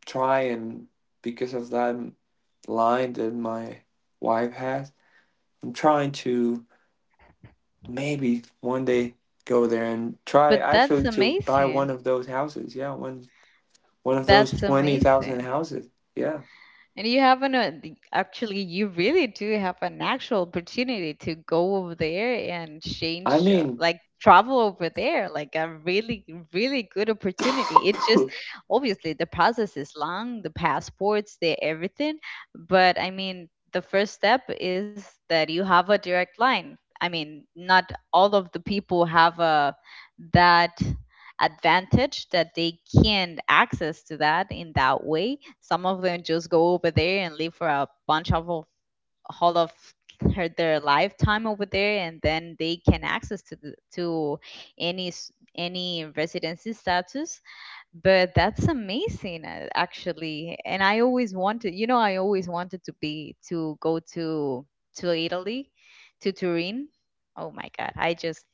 Speaker 2: try and because of that line that my wife has, I'm trying to maybe one day go there and try
Speaker 1: but that's
Speaker 2: actually to buy one
Speaker 1: amazing.
Speaker 2: of those houses. Yeah, one of those
Speaker 1: That's
Speaker 2: 20,000
Speaker 1: amazing.
Speaker 2: houses. Yeah.
Speaker 1: And you have actually, you really do have an actual opportunity to go over there and
Speaker 2: I
Speaker 1: change,
Speaker 2: mean,
Speaker 1: like travel over there, like a really really good opportunity. It just obviously the process is long, the passports, the everything, but I mean the first step is that you have a direct line. I mean, not all of the people have a that advantage that they can access to that in that way. Some of them just go over there and live for a bunch of- all of her- their lifetime over there, and then they can access to any residency status. But that's amazing, actually. And I always wanted to go to Italy, to Turin. Oh my God, I just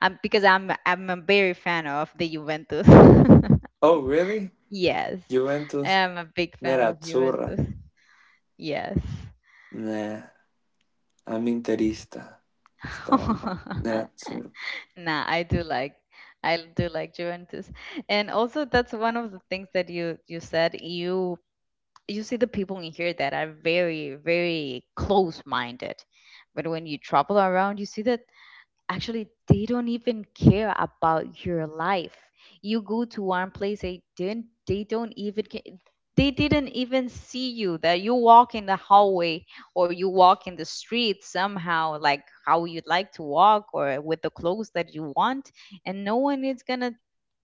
Speaker 1: I'm because I'm a very fan of the Juventus.
Speaker 2: Oh, really?
Speaker 1: Yes.
Speaker 2: Juventus
Speaker 1: I'm a big fan of Juventus.
Speaker 2: Nerazzurra.
Speaker 1: Yes.
Speaker 2: Nah, I'm Interista. Strano. Nerazzurra.
Speaker 1: Nah, I do like Juventus. And also that's one of the things that you said you see the people in here that are very very close-minded. But when you travel around, you see that actually they don't even care about your life. You go to one place, they didn't even see you, that you walk in the hallway, or you walk in the street somehow like how you'd like to walk, or with the clothes that you want, and no one is gonna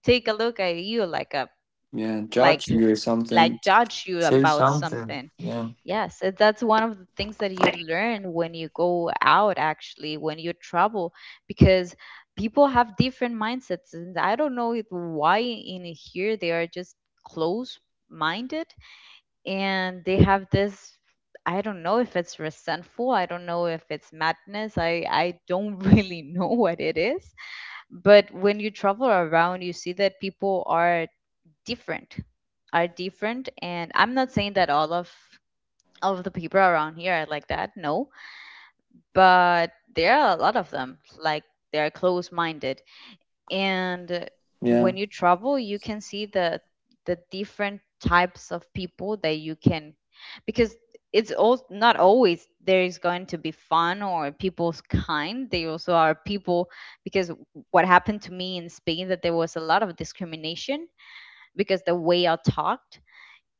Speaker 1: take a look at you, like a
Speaker 2: Yeah,
Speaker 1: like
Speaker 2: judge me or
Speaker 1: like
Speaker 2: something.
Speaker 1: judge you
Speaker 2: Say
Speaker 1: about
Speaker 2: something.
Speaker 1: something.
Speaker 2: Yeah.
Speaker 1: Yes, that's one of the things that you learn when you go out, actually, when you travel, because people have different mindsets. And I don't know it, why in here they are just close minded, and they have this. I don't know if it's resentful. I don't know if it's madness. I don't really know what it is. But when you travel around, you see that people are different, are different. And I'm not saying that all of the people around here are like that, no. But there are a lot of them, like they're close minded. And
Speaker 2: Yeah.
Speaker 1: when you travel, you can see the different types of people that you can, because it's all not always there is going to be fun or people's kind. They also are people, because what happened to me in Spain, that there was a lot of discrimination because the way I talked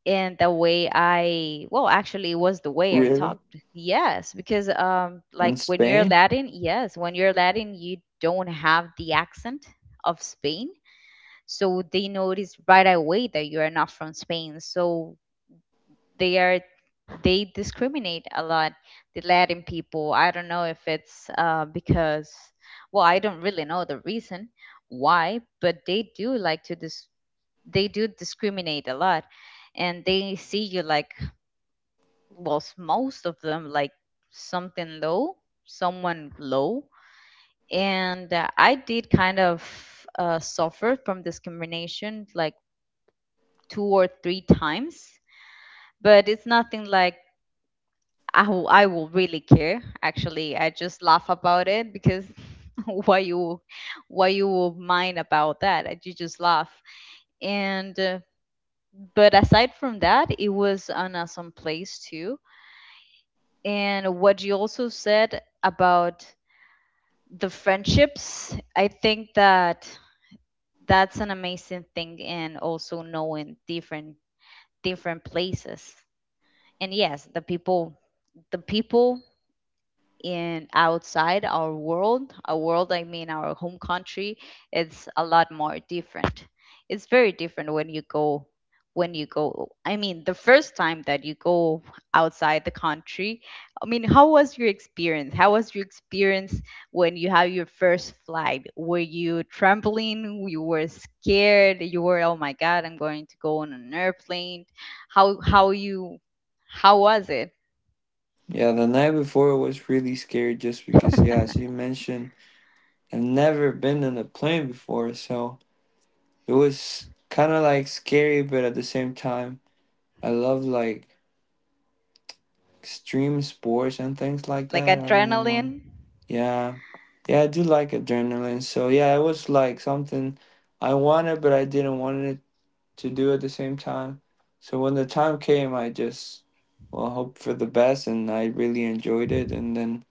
Speaker 1: and the way I, well, actually it was the way I
Speaker 2: Really?
Speaker 1: talked. Yes, because like
Speaker 2: In
Speaker 1: when you're
Speaker 2: Spain?
Speaker 1: Latin, yes, when you're Latin you don't have the accent of Spain. So they notice right away that you are not from Spain. So they are they discriminate a lot the Latin people. I don't know if it's because, well, I don't really know the reason why, but they do like to discriminate a lot, and they see you like was most of them like something low, someone low. And I did kind of suffer from discrimination like two or three times, but it's nothing like I will, really care. Actually, I just laugh about it, because why you why you will mind about that? You just laugh. And but aside from that, it was an awesome place too. And what you also said about the friendships, I think that that's an amazing thing, and also knowing different places. And yes, the people in outside our world, a world, I mean our home country, it's a lot more different. It's very different when you go, I mean the first time that you go outside the country. I mean, how was your experience? How was your experience when you have your first flight? Were you trembling? You were scared? You were, oh my God, I'm going to go on an airplane. How how you how was it?
Speaker 2: Yeah, the night before was really scary just because, yeah, as you mentioned, I've never been in a plane before, so it was kind of like scary, but at the same time, I love like extreme sports and things like
Speaker 1: Like
Speaker 2: that. I don't know why.
Speaker 1: adrenaline?
Speaker 2: Yeah. Yeah, I do like adrenaline. So yeah, it was like something I wanted but I didn't want it to do at the same time. So when the time came, I just well hoped for the best and I really enjoyed it, and then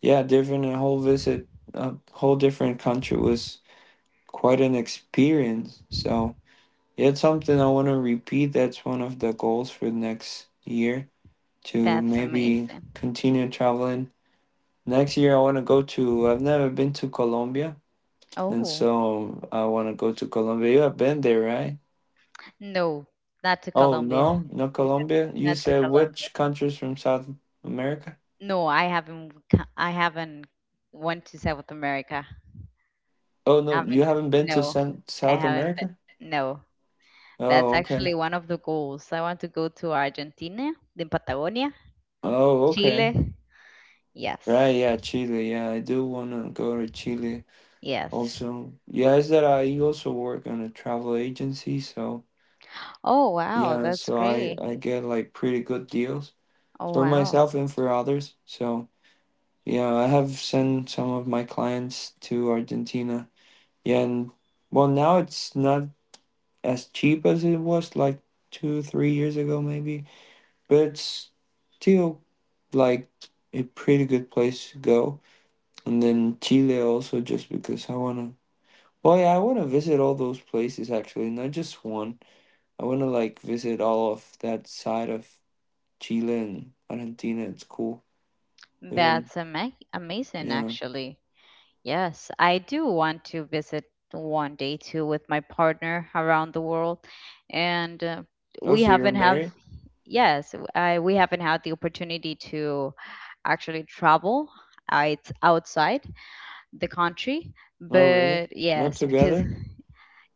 Speaker 2: yeah, different, a whole visit, a whole different country was quite an experience. So yeah, it's something I want to repeat. That's one of the goals for next year to
Speaker 1: That's
Speaker 2: maybe
Speaker 1: amazing.
Speaker 2: continue traveling. Next year, I want to go to, I've never been to Colombia, and
Speaker 1: Oh,
Speaker 2: so I want to go to Colombia. You have been there, right?
Speaker 1: no, not to
Speaker 2: Oh,
Speaker 1: Colombia.
Speaker 2: no, not
Speaker 1: No,
Speaker 2: Colombia. You
Speaker 1: not to
Speaker 2: said
Speaker 1: Colombia.
Speaker 2: which countries from South America?
Speaker 1: No, I haven't. I haven't went to South America.
Speaker 2: Oh,
Speaker 1: I
Speaker 2: no, you
Speaker 1: haven't.
Speaker 2: haven't been to
Speaker 1: No, I
Speaker 2: South
Speaker 1: haven't
Speaker 2: America?
Speaker 1: been. No, that's
Speaker 2: Oh,
Speaker 1: actually
Speaker 2: okay.
Speaker 1: one of the goals. I want to go to Argentina, then Patagonia,
Speaker 2: Oh, okay.
Speaker 1: Chile.
Speaker 2: Right,
Speaker 1: Yes,
Speaker 2: yeah, Chile. Yeah, I do want to go to Chile
Speaker 1: yes.
Speaker 2: also. Yeah, is that I also work on a travel agency, so
Speaker 1: Oh wow,
Speaker 2: yeah,
Speaker 1: that's
Speaker 2: so I
Speaker 1: great.
Speaker 2: I get like pretty good deals
Speaker 1: Oh
Speaker 2: for
Speaker 1: wow,
Speaker 2: myself and for others. So yeah, I have sent some of my clients to Argentina. Yeah, and well, now it's not as cheap as it was like two, 3 years ago, maybe, but it's still like a pretty good place to go. And then Chile also, just because I wanna. Well, yeah, I wanna visit all those places actually, not just one. I wanna like visit all of that side of Chile and Argentina. It's cool. Even,
Speaker 1: that's amazing,
Speaker 2: yeah.
Speaker 1: actually. Yes, I do want to visit one day too with my partner around the world, and
Speaker 2: Oh,
Speaker 1: we
Speaker 2: so you're
Speaker 1: haven't have,
Speaker 2: married?
Speaker 1: yes, I we haven't had the opportunity to actually travel outside the country,
Speaker 2: Oh, really?
Speaker 1: but
Speaker 2: Not
Speaker 1: yes, because
Speaker 2: together?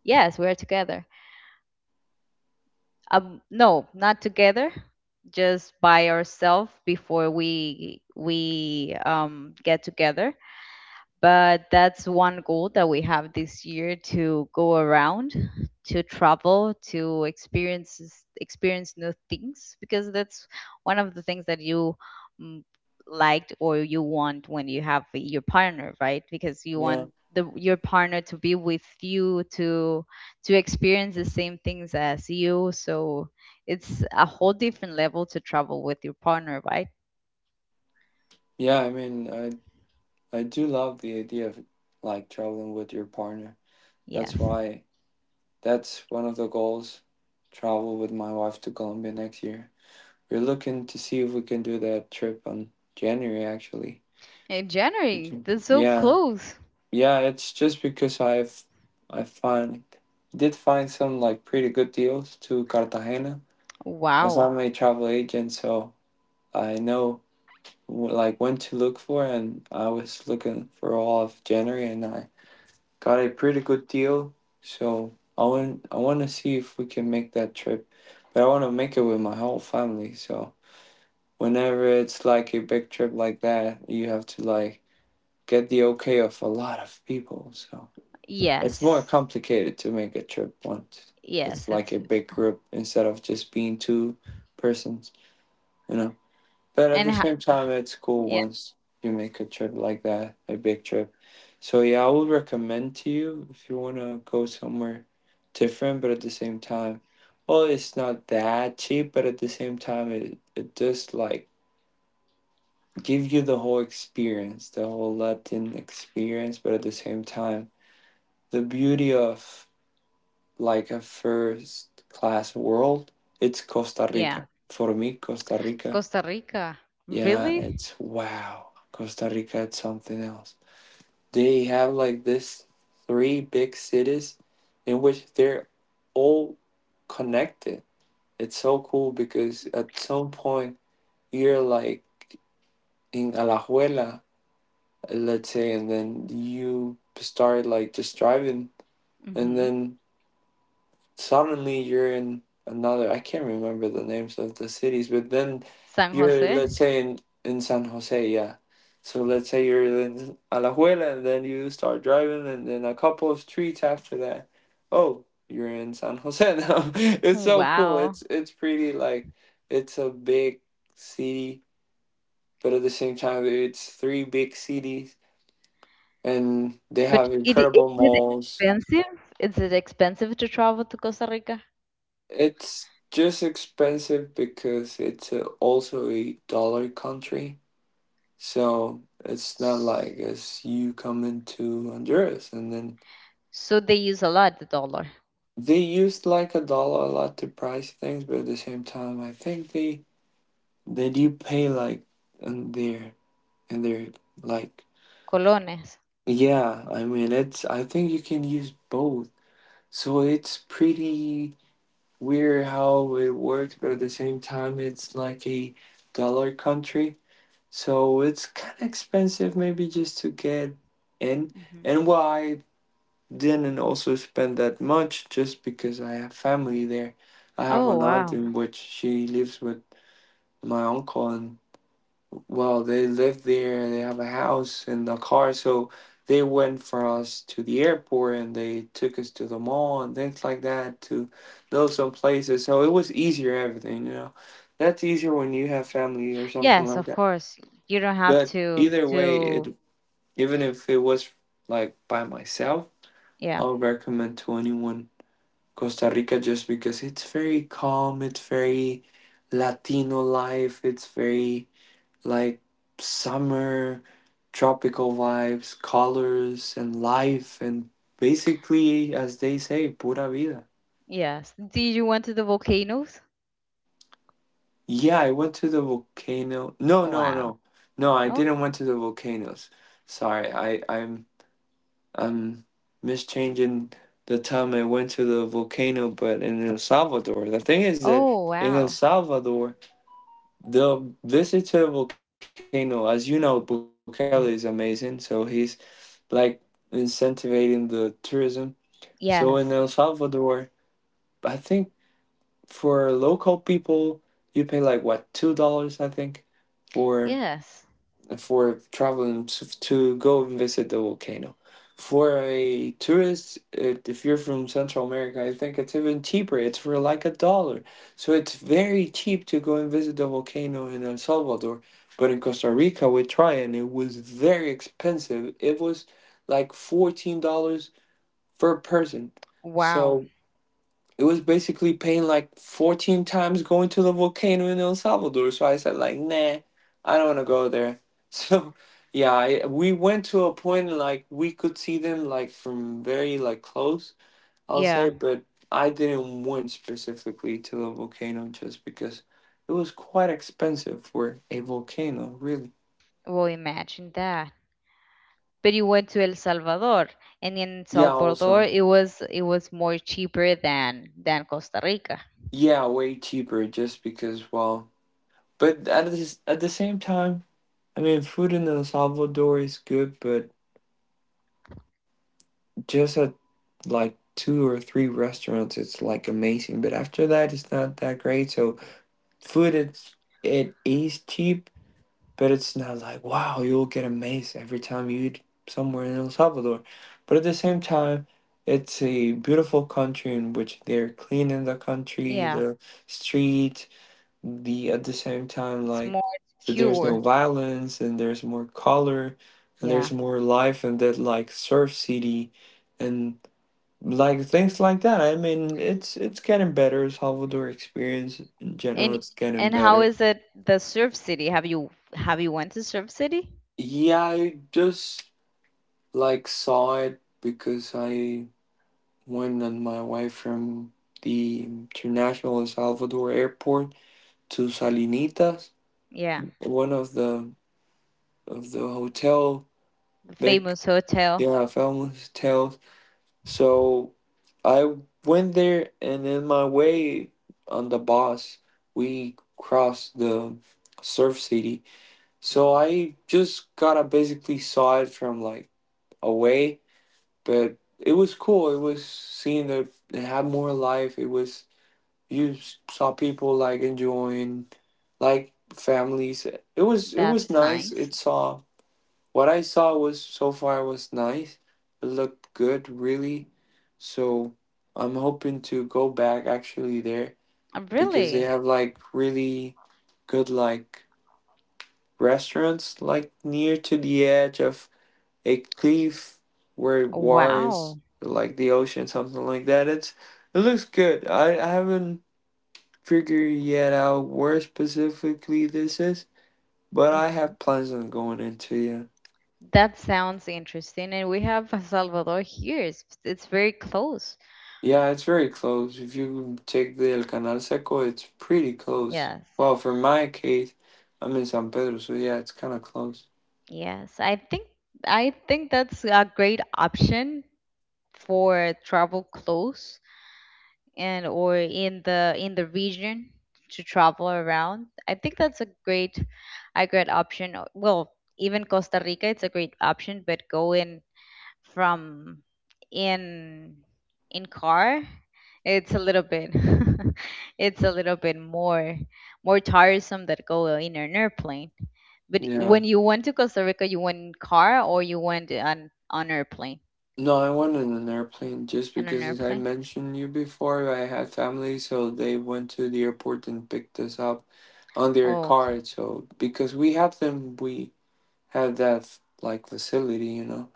Speaker 1: yes, we're together. No, not together, just by ourselves before we get together. But that's one goal that we have this year, to go around, to travel, to experience new things. Because that's one of the things that you, mm, liked or you want when you have your partner, right? Because you
Speaker 2: Yeah.
Speaker 1: want your partner to be with you, to experience the same things as you, so it's a whole different level to travel with your partner, right?
Speaker 2: Yeah, I mean, I do love the idea of like traveling with your partner. That's
Speaker 1: Yes,
Speaker 2: why that's one of the goals. Travel with my wife to Colombia next year. We're looking to see if we can do that trip on January actually.
Speaker 1: in
Speaker 2: We
Speaker 1: January,
Speaker 2: can.
Speaker 1: that's so
Speaker 2: Yeah.
Speaker 1: close.
Speaker 2: Yeah, it's just because I've I find did find some like pretty good deals to Cartagena as
Speaker 1: Wow.
Speaker 2: I'm a travel agent, so I know like when to look for, and I was looking for all of January and I got a pretty good deal. So I want to see if we can make that trip, but I want to make it with my whole family. So whenever it's like a big trip like that, you have to like get the okay of a lot of people. So it's more
Speaker 1: Yes.
Speaker 2: complicated to make a trip once. It's
Speaker 1: Yes,
Speaker 2: like
Speaker 1: it's
Speaker 2: a big group instead of just being two persons, you know. But at
Speaker 1: and
Speaker 2: the
Speaker 1: ha
Speaker 2: same time, it's cool
Speaker 1: yeah,
Speaker 2: once you make a trip like that, a big trip. So yeah, I would recommend to you if you want to go somewhere different, but at the same time, well, it's not that cheap, but at the same time, it does like give you the whole experience, the whole Latin experience, but at the same time, the beauty of like a first class world, it's Costa
Speaker 1: yeah.
Speaker 2: Rica. For me, Costa Rica.
Speaker 1: Costa Rica.
Speaker 2: Yeah,
Speaker 1: Really?
Speaker 2: it's wow. Costa Rica, it's something else. They have like this three big cities in which they're all connected. It's so cool because at some point you're like in Alajuela, let's say, and then you start like just driving, and
Speaker 1: Hmm.
Speaker 2: then suddenly you're in another, I can't remember the names of the cities, but then
Speaker 1: San
Speaker 2: you're,
Speaker 1: Jose?
Speaker 2: let's say, in San Jose. Yeah, so let's say you're in Alajuela and then you start driving, and then a couple of streets after that, oh, you're in San Jose now. It's so cool.
Speaker 1: Wow.
Speaker 2: It's pretty like it's a big city, but at the same time, it's three big cities, and they
Speaker 1: But
Speaker 2: have
Speaker 1: it is
Speaker 2: incredible
Speaker 1: it
Speaker 2: malls.
Speaker 1: expensive? Is it expensive to travel to Costa Rica?
Speaker 2: It's just expensive because it's also a dollar country. So it's not
Speaker 1: S-
Speaker 2: like as you come into Honduras and then
Speaker 1: So they use a lot the dollar,
Speaker 2: they use like a dollar a lot to price things, but at the same time, I think they do pay like in their in their like
Speaker 1: colones.
Speaker 2: yeah. I mean, it's I think you can use both, so it's pretty weird how it works, but at the same time, it's like a dollar country. So it's kind of expensive, maybe just to get in.
Speaker 1: Hmm.
Speaker 2: And well, I didn't also spend that much just because I have family there. I have
Speaker 1: Oh,
Speaker 2: an aunt
Speaker 1: wow.
Speaker 2: in which she lives with my uncle, and well, they live there, they have a house and a car. So they went for us to the airport and they took us to the mall and things like that to know some places. So it was easier, everything, you know. That's easier when you have family or something
Speaker 1: Yes,
Speaker 2: like
Speaker 1: of
Speaker 2: that.
Speaker 1: course. You don't have
Speaker 2: But
Speaker 1: to
Speaker 2: either way,
Speaker 1: to
Speaker 2: it even if it was like by myself, I
Speaker 1: yeah.
Speaker 2: would recommend to anyone Costa Rica just because it's very calm, it's very Latino life, it's very like summer, tropical vibes, colors, and life, and basically, as they say, pura vida.
Speaker 1: Yes. Did you went to the volcanoes?
Speaker 2: Yeah, I went to the volcano. No, no,
Speaker 1: Wow.
Speaker 2: no. No, I
Speaker 1: No?
Speaker 2: didn't went to the volcanoes. Sorry, I'm mischanging the time I went to the volcano, but in El Salvador. The thing is that
Speaker 1: Oh,
Speaker 2: in El
Speaker 1: wow.
Speaker 2: Salvador, the visit to the volcano, as you know, Bukele is amazing, so he's like incentivizing the tourism. So in El
Speaker 1: Yes.
Speaker 2: Salvador, I think for local people, you pay like what $2, I think, for
Speaker 1: Yes.
Speaker 2: for traveling to go and visit the volcano. For a tourist, if you're from Central America, I think it's even cheaper. It's for like a dollar. So it's very cheap to go and visit the volcano in El Salvador. But in Costa Rica, we tried and it was very expensive. It was like $14 per person.
Speaker 1: Wow.
Speaker 2: So it was basically paying like 14 times going to the volcano in El Salvador. So I said like, nah, I don't want to go there. So yeah, we went to a point like we could see them like from very like close, I'll say,
Speaker 1: Yeah.
Speaker 2: but I didn't went specifically to the volcano just because it was quite expensive for a volcano, really.
Speaker 1: Well, imagine that. But you went to El Salvador, and in
Speaker 2: Yeah,
Speaker 1: Salvador,
Speaker 2: also.
Speaker 1: it was more cheaper than Costa Rica.
Speaker 2: Yeah, way cheaper just because but at at the same time, food in El Salvador is good, but just at like two or three restaurants, it's like amazing. But after that, it's not that great. So food, it is cheap, but it's not like wow, you'll get amazed every time you eat somewhere in El Salvador. But at the same time, it's a beautiful country in which they're clean in the country,
Speaker 1: Yeah,
Speaker 2: the street, the at the same time
Speaker 1: it's
Speaker 2: like
Speaker 1: more
Speaker 2: that there's no
Speaker 1: secure.
Speaker 2: violence and there's more color and there's
Speaker 1: Yeah.
Speaker 2: more life and that like surf city and like things like that. It's getting better. Salvador experience in general,
Speaker 1: And
Speaker 2: it's getting
Speaker 1: and how
Speaker 2: better.
Speaker 1: is it the Surf City? Have you went to Surf City?
Speaker 2: Yeah, I just like saw it because I went on my way from the International El Salvador Airport to Salinitas,
Speaker 1: Yeah,
Speaker 2: one of the hotel
Speaker 1: the
Speaker 2: big
Speaker 1: famous hotel.
Speaker 2: yeah famous hotels. So I went there, and in my way on the bus, we crossed the surf city. So I just gotta basically saw it from like away, but it was cool. It was seeing that it had more life. It was you saw people like enjoying like families. It was
Speaker 1: That's
Speaker 2: nice.
Speaker 1: nice.
Speaker 2: It saw what I saw was so far was nice. It looked good, really. So I'm hoping to go back actually there because they
Speaker 1: Really?
Speaker 2: have like really good like restaurants like near to the edge of a cliff where war is
Speaker 1: Wow.
Speaker 2: like the ocean, something like that. It's it looks good. I haven't figured yet out where specifically this is, but I
Speaker 1: Hmm.
Speaker 2: have plans on going into it.
Speaker 1: That sounds interesting. And we have El Salvador here. It's very close.
Speaker 2: Yeah, it's very close. If you take the El Canal Seco, it's pretty close.
Speaker 1: Yes.
Speaker 2: Well, for my case, I'm in San Pedro, so yeah, it's kind of close.
Speaker 1: Yes, I think that's a great option for travel close, and or in the region to travel around. I think that's a great option. Well, even Costa Rica, it's a great option, but going from in in car, it's a little bit it's a little bit more tiresome than go in an airplane. But
Speaker 2: Yeah.
Speaker 1: when you went to Costa Rica, you went in car or you went on airplane?
Speaker 2: No, I went in an airplane just
Speaker 1: On an
Speaker 2: because, as I
Speaker 1: airplane?
Speaker 2: mentioned you before, I had family, so they went to the airport and picked us up on their
Speaker 1: Oh, okay.
Speaker 2: car. So because we have them, we have that like facility, you know.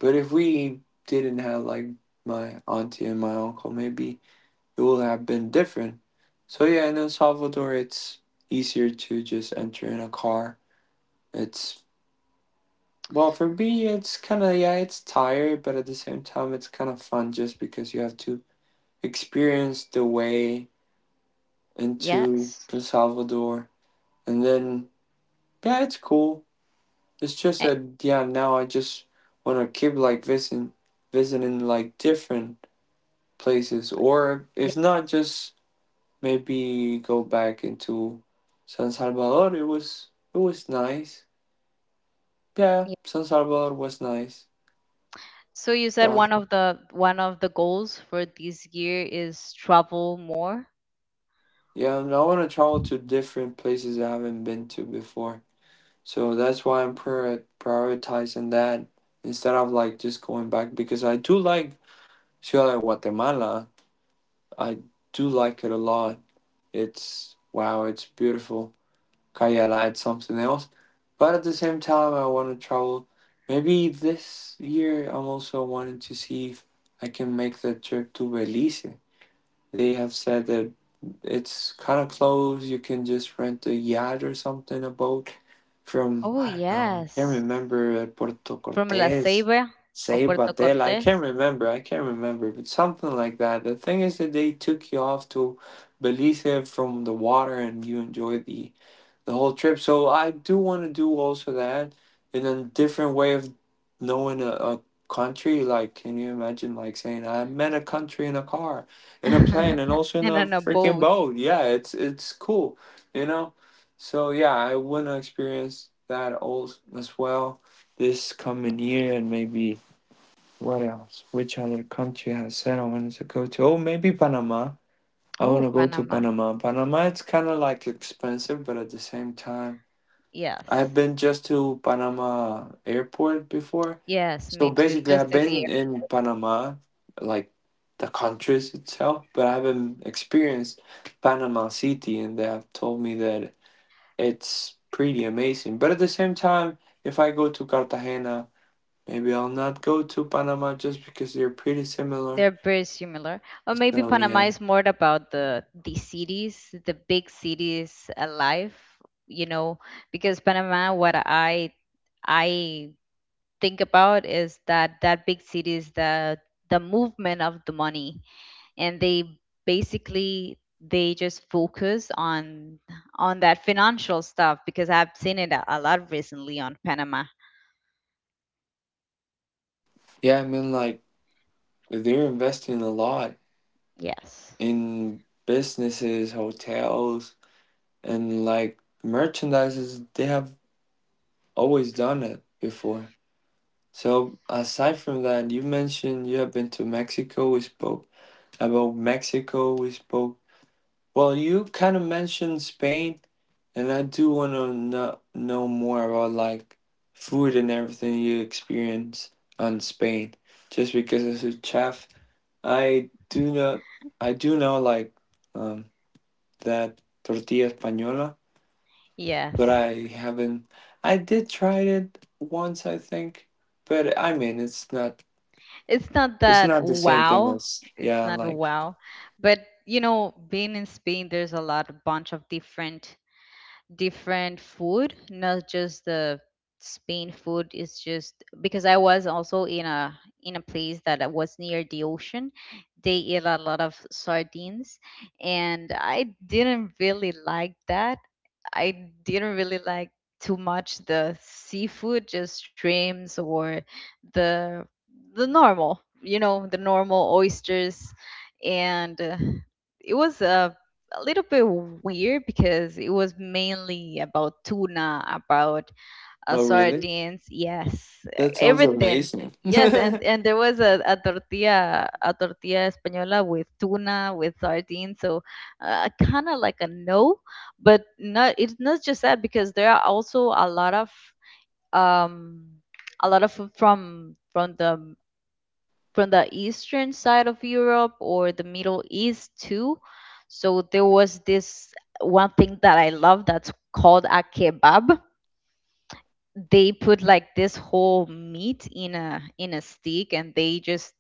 Speaker 2: But if we didn't have like my auntie and my uncle, maybe it will have been different. So yeah, in El Salvador, it's easier to just enter in a car. It's well for me, it's kind of yeah, it's tired, but at the same time, it's kind of fun just because you have to experience the way into
Speaker 1: Yes.
Speaker 2: El Salvador, and then yeah, it's cool. It's just
Speaker 1: Eh,
Speaker 2: that yeah, now I just want to keep like visiting like different places, or
Speaker 1: yeah,
Speaker 2: if not, just maybe go back into San Salvador. It was nice. Yeah,
Speaker 1: yeah.
Speaker 2: San Salvador was nice.
Speaker 1: So you said
Speaker 2: Uh,
Speaker 1: one of the goals for this year is travel more.
Speaker 2: yeah, and I want to travel to different places I haven't been to before. So that's why I'm prioritizing that instead of like just going back because I do like Ciudad de Guatemala. I do like it a lot. It's wow, it's beautiful. Kayela at something else. But at the same time, I want to travel. Maybe this year, I'm also wanting to see if I can make the trip to Belize. They have said that it's kind of close. You can just rent a yacht or something, a boat from,
Speaker 1: Oh
Speaker 2: I don't know, I can't
Speaker 1: yes,
Speaker 2: remember, Puerto
Speaker 1: from La
Speaker 2: Cortes,
Speaker 1: Ceiba or Puerto
Speaker 2: Ceibatel.
Speaker 1: Cortes,
Speaker 2: I can't remember, but something like that. The thing is that they took you off to Belize from the water and you enjoy the whole trip. So I do want to do also that in a different way of knowing a country. Like, can you imagine like saying I met a country in a car, in a plane, and also in
Speaker 1: and
Speaker 2: a
Speaker 1: on a
Speaker 2: freaking
Speaker 1: boat.
Speaker 2: boat? Yeah, it's cool, you know. So yeah, I want to experience that also as well this coming year and maybe what else? Which other country I said I wanted to go to? Oh, maybe Panama. I want
Speaker 1: Oh,
Speaker 2: to go to
Speaker 1: Panama.
Speaker 2: Panama. Panama, it's kind of like expensive, but at the same time. I've
Speaker 1: Yes.
Speaker 2: been just to Panama Airport before.
Speaker 1: Yes,
Speaker 2: So
Speaker 1: me too.
Speaker 2: basically,
Speaker 1: Just
Speaker 2: I've
Speaker 1: to the
Speaker 2: been in Panama, like the countries itself, but I haven't experienced Panama City, and they have told me that it's pretty amazing. But at the same time, if I go to Cartagena, maybe I'll not go to Panama just because they're pretty similar.
Speaker 1: They're very similar. Or maybe
Speaker 2: So yeah,
Speaker 1: Panama is more about the cities, the big cities alive, you know, because Panama, what I think about is that that big city is the movement of the money, and they basically they just focus on that financial stuff because I've seen it a lot recently on Panama.
Speaker 2: yeah, I mean, like they're investing a lot
Speaker 1: Yes.
Speaker 2: in businesses, hotels, and like merchandises they have always done it before. So aside from that, you mentioned you have been to Mexico. We spoke about Mexico. We spoke well you kind of mentioned Spain, and I do want to know more about like food and everything you experience on Spain just because it's a chef. i do know I do know like um, that tortilla española, but
Speaker 1: Yes.
Speaker 2: I haven't. I did try it once, I think, but I mean, it's not.
Speaker 1: It's not
Speaker 2: It's
Speaker 1: that
Speaker 2: not the same thing
Speaker 1: wow,
Speaker 2: as
Speaker 1: it's
Speaker 2: yeah.
Speaker 1: not
Speaker 2: Like
Speaker 1: wow, but being in Spain, there's a bunch of different food, not just the Spain food, is just because I was also in a place that I was near the ocean. They eat a lot of sardines and I didn't really like that. I didn't really like too much the seafood, just shrimps or the the normal, the normal oysters, and it was a little bit weird because it was mainly about tuna, about
Speaker 2: oh, really?
Speaker 1: sardines, yes,
Speaker 2: That sounds
Speaker 1: everything.
Speaker 2: amazing.
Speaker 1: Yes, and there was a tortilla a tortilla española with tuna, with sardines, so kind of like a no, but not, it's not just that, because there are also um a lot of food from the eastern side of Europe or the Middle East too. So there was this one thing that I love that's called a kebab. They put like this whole meat in a stick and they just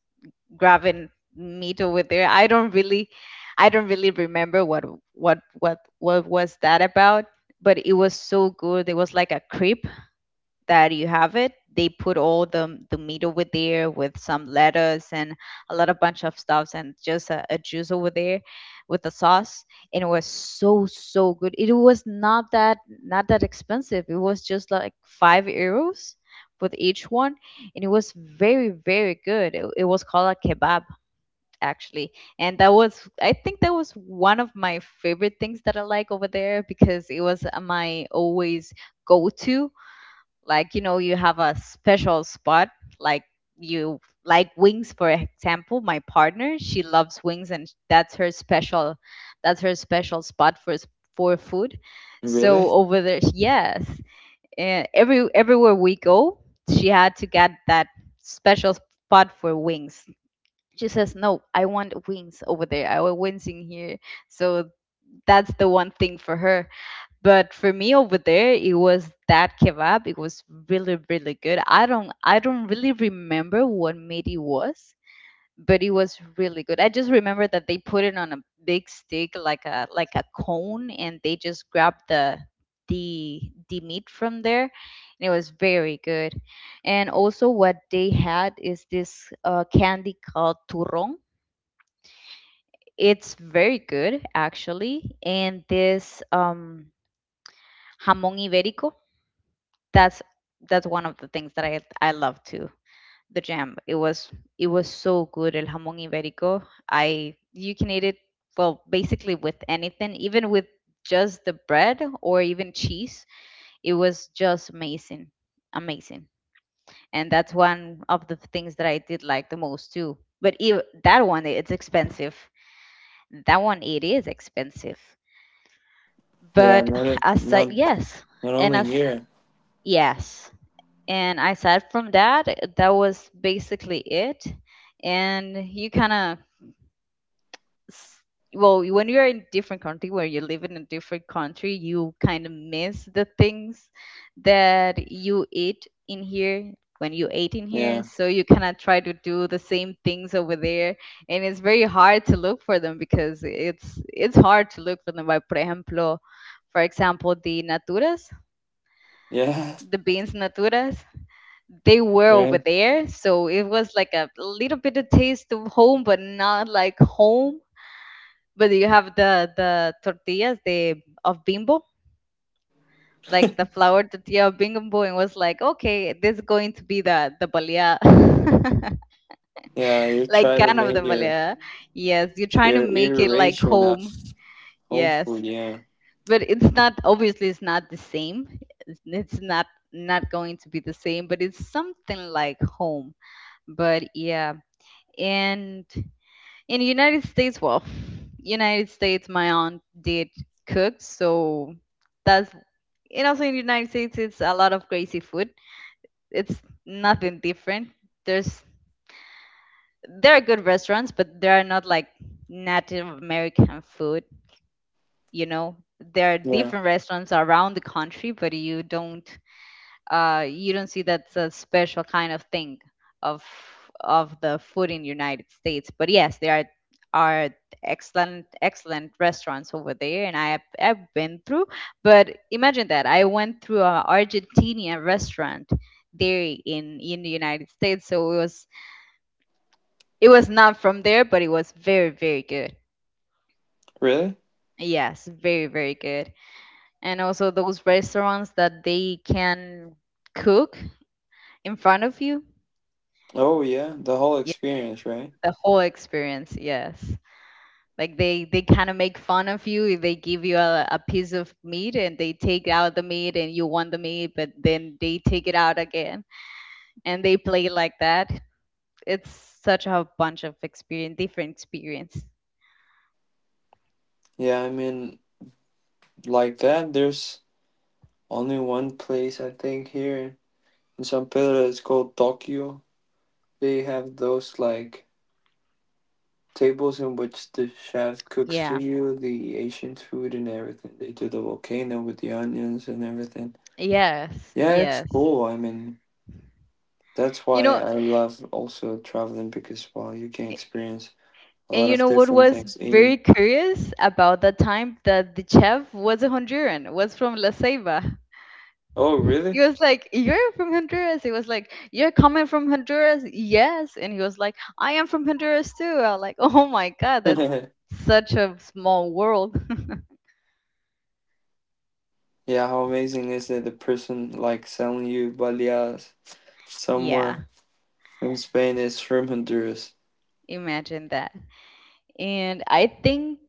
Speaker 1: grabbing meat over there. I don't really remember what was that about, but it was so good. It was like a crepe that you have it, they put all the meat over there with some lettuce and a lot of bunch of stuffs and just a juice over there with the sauce, and it was so good. It was not that expensive, it was just like €5 with each one, and it was very very good. It was called a kebab actually, and that was I think that was one of my favorite things that I like over there, because it was my always go to, like, you have a special spot, like you like wings, for example, my partner, she loves wings, and that's her special spot for food.
Speaker 2: Really?
Speaker 1: So over there, yes, and everywhere we go she had to get that special spot for wings, she says, No, I want wings over there, I want wings in here. So that's the one thing for her, but for me over there it was that kebab. It was really really good, I don't really remember what meat it was, but it was really good. I just remember that they put it on a big stick like a cone, and they just grabbed the the meat from there, and it was very good. And also what they had is this candy called turrón. It's very good actually, and this jamón ibérico, that's that's one of the things that I love too. The jam. It was so good. El jamón ibérico. I You can eat it, well, basically with anything, even with just the bread or even cheese. It was just amazing, amazing. And that's one of the things that I did like the most too. But ev that one, it's expensive. That one, it is expensive.
Speaker 2: Yeah.
Speaker 1: But
Speaker 2: Not a,
Speaker 1: yes,
Speaker 2: not
Speaker 1: and
Speaker 2: only
Speaker 1: as
Speaker 2: here.
Speaker 1: yes, and I said, from that, that was basically it. And you kind of, well, when you're in different country where you live in a different country, you kind of miss the things that you eat in here when you ate in here,
Speaker 2: Yeah.
Speaker 1: so you kind of try to do the same things over there, and it's very hard to look for them, because it's hard to look for them, by por ejemplo, for example, the naturas,
Speaker 2: Yeah.
Speaker 1: the beans naturas, they were over
Speaker 2: Right.
Speaker 1: there. So it was like a little bit of taste of home, but not like home. But you have the tortillas, the of bimbo, like the flour tortilla of bimbo, and was like, Okay, this is going to be the balia,
Speaker 2: Yeah. You
Speaker 1: like
Speaker 2: try to
Speaker 1: kind of the
Speaker 2: make your
Speaker 1: balia. Yes, you're trying to make it like
Speaker 2: iteration of
Speaker 1: home.
Speaker 2: home
Speaker 1: Yes,
Speaker 2: food. Yeah.
Speaker 1: but it's not, obviously it's not the same. It's not not going to be the same, but it's something like home. But yeah, and in the United States, well, United States, my aunt did cook, so that's, and also in the United States it's a lot of crazy food, it's nothing different, there's there are good restaurants, but they are not like native American food, you know there are
Speaker 2: Yeah.
Speaker 1: different restaurants around the country, but you don't see that's a special kind of thing of of the food in United States. But yes, there are excellent excellent restaurants over there, and I've been through. But imagine that I went through a Argentinian restaurant there in the United States. So it was not from there, but it was very very good.
Speaker 2: Really?
Speaker 1: Yes, very very good. And also those restaurants that they can cook in front of you
Speaker 2: Oh yeah. The whole experience, right?
Speaker 1: the whole experience, yes, like they kind of make fun of you, if they give you a piece of meat and they take out the meat and you want the meat, but then they take it out again and they play like that, it's such a bunch of experience, different experience,
Speaker 2: Yeah. I mean, like that. There's only one place I think here in San Pedro it's called Tokyo. They have those like tables in which the chef cooks for
Speaker 1: yeah.
Speaker 2: you the Asian food and everything. They do the volcano with the onions and everything.
Speaker 1: Yes,
Speaker 2: Yeah, it's
Speaker 1: yes,
Speaker 2: cool. I mean, that's
Speaker 1: you
Speaker 2: why
Speaker 1: know
Speaker 2: I love also traveling because well, you can
Speaker 1: a-
Speaker 2: experience a
Speaker 1: and
Speaker 2: lot
Speaker 1: you
Speaker 2: of
Speaker 1: know what
Speaker 2: different
Speaker 1: was
Speaker 2: things
Speaker 1: very
Speaker 2: eating.
Speaker 1: curious about the time that the chef was a Honduran, was from La Ceiba.
Speaker 2: Oh,
Speaker 1: He
Speaker 2: really?
Speaker 1: was like, You're from Honduras. He was like, You're coming from Honduras? Yes. And he was like, I am from Honduras too. I was like, Oh my God,
Speaker 2: Yeah,
Speaker 1: that's such a small world.
Speaker 2: how amazing is it? The person like selling you baleadas somewhere
Speaker 1: Yeah,
Speaker 2: in Spain is from Honduras.
Speaker 1: imagine that. And I think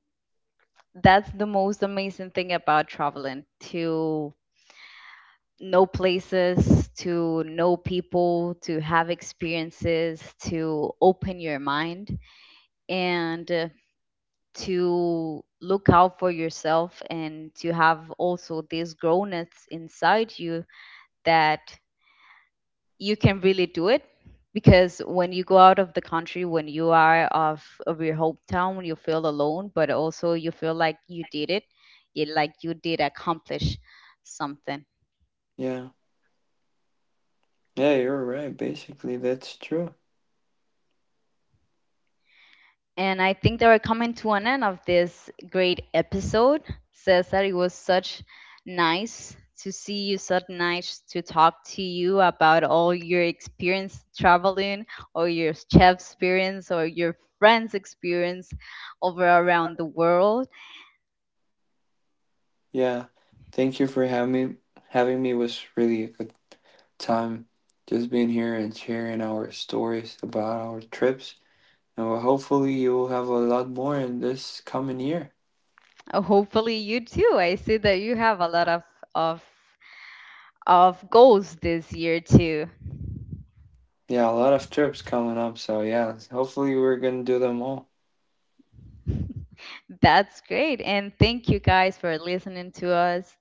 Speaker 1: that's the most amazing thing about traveling, to know places, to know people, to have experiences, to open your mind. And to look out for yourself, and to have also this grownness inside you that you can really do it, because when you go out of the country, when you are off of your hometown, when you feel alone, but also you feel like you did it, you like you did accomplish something.
Speaker 2: Yeah. Yeah, you're right. Basically, that's true.
Speaker 1: And I think that we're coming to an end of this great episode. Cesar, it was such nice to see you, such nice to talk to you about all your experience traveling, or your chef experience, or your friends' experience over around the world.
Speaker 2: Yeah. Thank you for having me. Having me was really a good time just being here and sharing our stories about our trips. And well, hopefully, you will have a lot more in this coming year.
Speaker 1: Hopefully, you too. I see that you have a lot of of goals this year too.
Speaker 2: Yeah, a lot of trips coming up. So, yeah, hopefully, we're going to do them all.
Speaker 1: That's great. And thank you guys for listening to us.